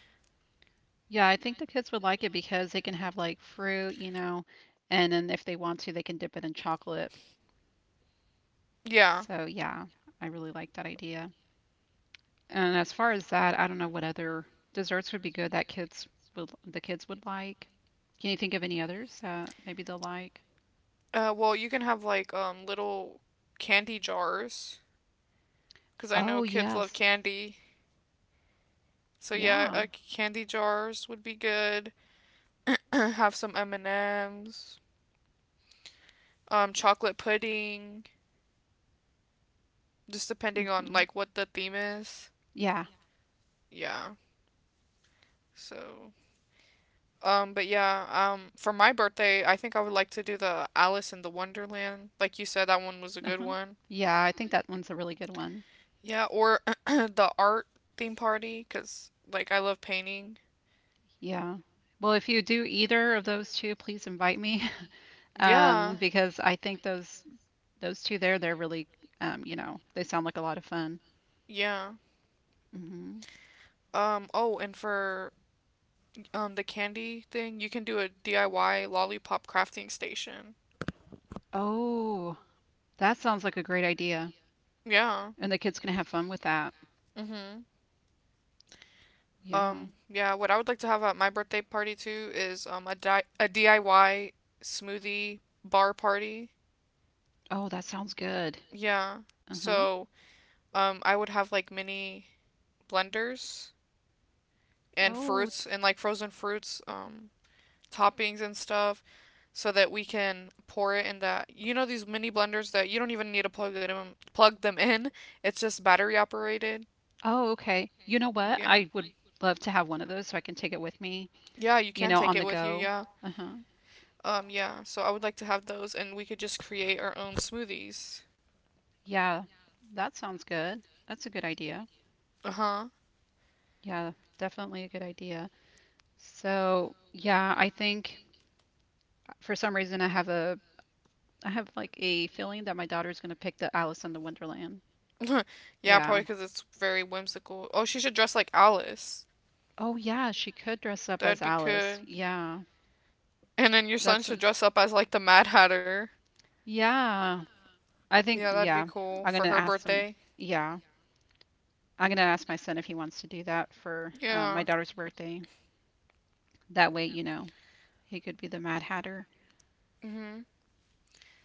Speaker 2: Yeah, I think the kids would like it because they can have like fruit, you know, and then if they want to, they can dip it in chocolate.
Speaker 1: Yeah.
Speaker 2: So yeah, I really like that idea. And as far as that, I don't know what other desserts would be good that kids would the kids would like. Can you think of any others that maybe they'll like?
Speaker 1: Uh, well, you can have like um little candy jars because I know
Speaker 2: Oh,
Speaker 1: kids love
Speaker 2: yes.
Speaker 1: candy. So yeah,
Speaker 2: Yeah.
Speaker 1: uh, candy jars would be good. *clears throat* Have some M and Ms, um chocolate pudding. Just depending on
Speaker 2: Hmm.
Speaker 1: like what the theme is.
Speaker 2: Yeah.
Speaker 1: Yeah. So um but yeah, um for my birthday, I think I would like to do the Alice in the Wonderland. Like you said that one was a good
Speaker 2: Uh-huh.
Speaker 1: one.
Speaker 2: Yeah, I think that one's a really good one.
Speaker 1: Yeah, or *clears throat* the art theme party cuz like I love painting.
Speaker 2: Yeah. Well, if you do either of those two, please invite me. *laughs*
Speaker 1: Yeah.
Speaker 2: Um, because I think those those two there, they're really um, you know, they sound like a lot of fun.
Speaker 1: Yeah.
Speaker 2: Hmm.
Speaker 1: Um oh, and for um the candy thing, you can do a D I Y lollipop crafting station.
Speaker 2: Oh, that sounds like a great idea.
Speaker 1: Yeah.
Speaker 2: And the kids can have fun with that.
Speaker 1: Mhm.
Speaker 2: Yeah.
Speaker 1: Um, yeah, what I would like to have at my birthday party too is um a di- a D I Y smoothie bar party.
Speaker 2: Oh, that sounds good.
Speaker 1: Yeah.
Speaker 2: Uh-huh.
Speaker 1: So, um I would have like mini blenders and
Speaker 2: Oh, th-
Speaker 1: fruits and like frozen fruits um toppings and stuff so that we can pour it in that you know these mini blenders that you don't even need to plug it in, plug them in. It's just battery operated.
Speaker 2: oh, okay. You know what?
Speaker 1: Yeah.
Speaker 2: I would love to have one of those so I can take it with me,
Speaker 1: Yeah, you
Speaker 2: you
Speaker 1: can
Speaker 2: know,
Speaker 1: take
Speaker 2: on
Speaker 1: it
Speaker 2: the
Speaker 1: with you,
Speaker 2: go.
Speaker 1: yeah.
Speaker 2: Uh-huh.
Speaker 1: Um, yeah, so I would like to have those, and we could just create our own smoothies.
Speaker 2: Yeah. That sounds good. That's a good idea.
Speaker 1: Uh huh.
Speaker 2: Yeah, definitely a good idea. So, yeah, I think for some reason I have a I have like a feeling that my daughter's gonna pick the Alice in the Wonderland.
Speaker 1: *laughs* yeah,
Speaker 2: Yeah.
Speaker 1: probably because it's very whimsical. Oh, she should dress like Alice.
Speaker 2: Oh yeah,
Speaker 1: Yeah,
Speaker 2: she
Speaker 1: she
Speaker 2: could dress
Speaker 1: could.
Speaker 2: up
Speaker 1: That'd
Speaker 2: as
Speaker 1: be good.
Speaker 2: Alice.
Speaker 1: Yeah.
Speaker 2: Yeah.
Speaker 1: And then your son
Speaker 2: That's
Speaker 1: should
Speaker 2: a,
Speaker 1: dress up as like the Mad Hatter.
Speaker 2: yeah. I think
Speaker 1: Yeah, that'd be
Speaker 2: yeah,
Speaker 1: cool
Speaker 2: I'm
Speaker 1: for
Speaker 2: gonna
Speaker 1: her
Speaker 2: ask him.
Speaker 1: birthday.
Speaker 2: Yeah. I'm gonna ask my son if he wants to do that for um, my
Speaker 1: Yeah.
Speaker 2: daughter's birthday. That way, you know, he could be the Mad Hatter.
Speaker 1: Mhm.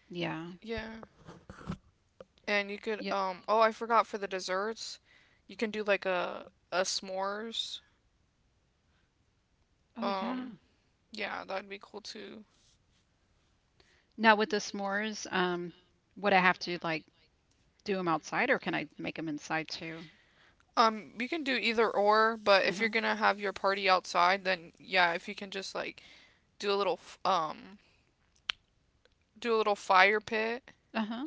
Speaker 2: Yeah.
Speaker 1: Yeah. And you could
Speaker 2: Yeah.
Speaker 1: um oh, I forgot for the desserts. You can do like a a s'mores.
Speaker 2: Oh yeah.
Speaker 1: Um yeah, that'd be cool too.
Speaker 2: Now with the s'mores, um, would I have to like do them outside or can I make them inside too?
Speaker 1: Um, you can do either or, but if
Speaker 2: Uh-huh.
Speaker 1: you're gonna have your party outside, then yeah, if you can just like do a little f- um do a little fire pit
Speaker 2: Uh-huh.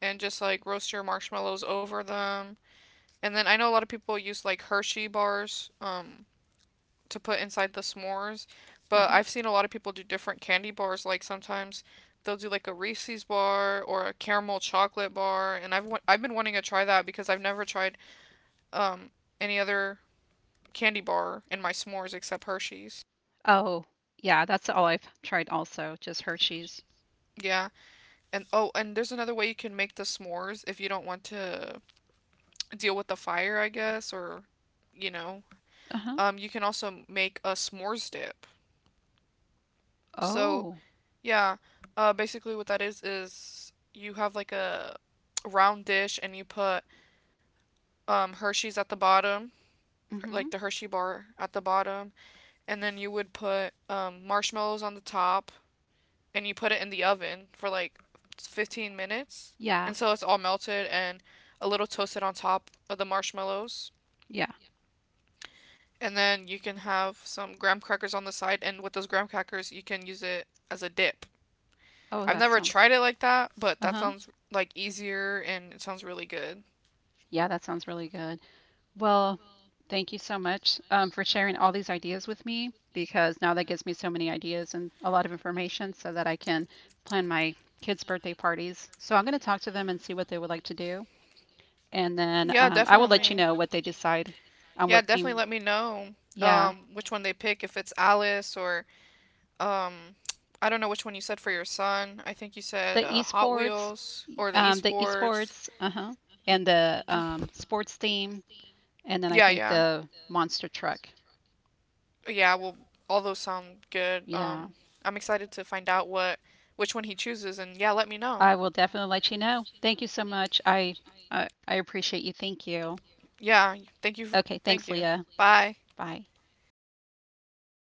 Speaker 1: and just like roast your marshmallows over them. And then I know a lot of people use like Hershey bars um to put inside the s'mores, but
Speaker 2: Uh-huh.
Speaker 1: I've seen a lot of people do different candy bars. Like sometimes they'll do like a Reese's bar or a caramel chocolate bar, and I've wa- I've been wanting to try that because I've never tried um any other candy bar in my s'mores except Hershey's.
Speaker 2: Oh, yeah, that's all I've tried also, just Hershey's.
Speaker 1: Yeah. And oh, and there's another way you can make the s'mores if you don't want to deal with the fire, I guess, or you know.
Speaker 2: Uh-huh.
Speaker 1: Um, you can also make a s'mores dip. So,
Speaker 2: Oh.
Speaker 1: yeah, uh basically what that is is you have like a round dish and you put um Hershey's at the bottom,
Speaker 2: Mm-hmm.
Speaker 1: like the Hershey bar at the bottom, and then you would put um marshmallows on the top and you put it in the oven for like fifteen minutes
Speaker 2: Yeah.
Speaker 1: until it's all melted and a little toasted on top of the marshmallows.
Speaker 2: Yeah.
Speaker 1: And then you can have some graham crackers on the side, and with those graham crackers, you can use it as a dip.
Speaker 2: Oh,
Speaker 1: I've
Speaker 2: that
Speaker 1: never
Speaker 2: sounds.
Speaker 1: tried it like that, but that
Speaker 2: Uh-huh.
Speaker 1: sounds like easier and it sounds really good.
Speaker 2: Yeah, that sounds really good. Well, thank you so much um, for sharing all these ideas with me because now that gives me so many ideas and a lot of information so that I can plan my kids' birthday parties. So I'm going to talk to them and see what they would like to do. And then
Speaker 1: Yeah,
Speaker 2: um, I will let you
Speaker 1: definitely.
Speaker 2: know what they decide on
Speaker 1: Yeah,
Speaker 2: what
Speaker 1: definitely
Speaker 2: theme.
Speaker 1: let me know
Speaker 2: Yeah.
Speaker 1: um, which one they pick, if it's Alice or um I don't know which one you said for your son. I think you
Speaker 2: The
Speaker 1: said uh, Hot
Speaker 2: esports,
Speaker 1: Wheels or the
Speaker 2: um, the
Speaker 1: esports.
Speaker 2: esports, uh-huh, and the um, sports team, and then I
Speaker 1: Yeah,
Speaker 2: think
Speaker 1: yeah,
Speaker 2: the monster truck.
Speaker 1: yeah. Well, all those sound good.
Speaker 2: Yeah,
Speaker 1: Um, I'm excited to find out what which one he chooses, and yeah, let me know.
Speaker 2: I will definitely let you know. Thank you so much. I I, I appreciate you. Thank you.
Speaker 1: Yeah, thank you. f-
Speaker 2: Okay,
Speaker 1: Thank
Speaker 2: thanks,
Speaker 1: you.
Speaker 2: Leah.
Speaker 1: Bye.
Speaker 2: Bye.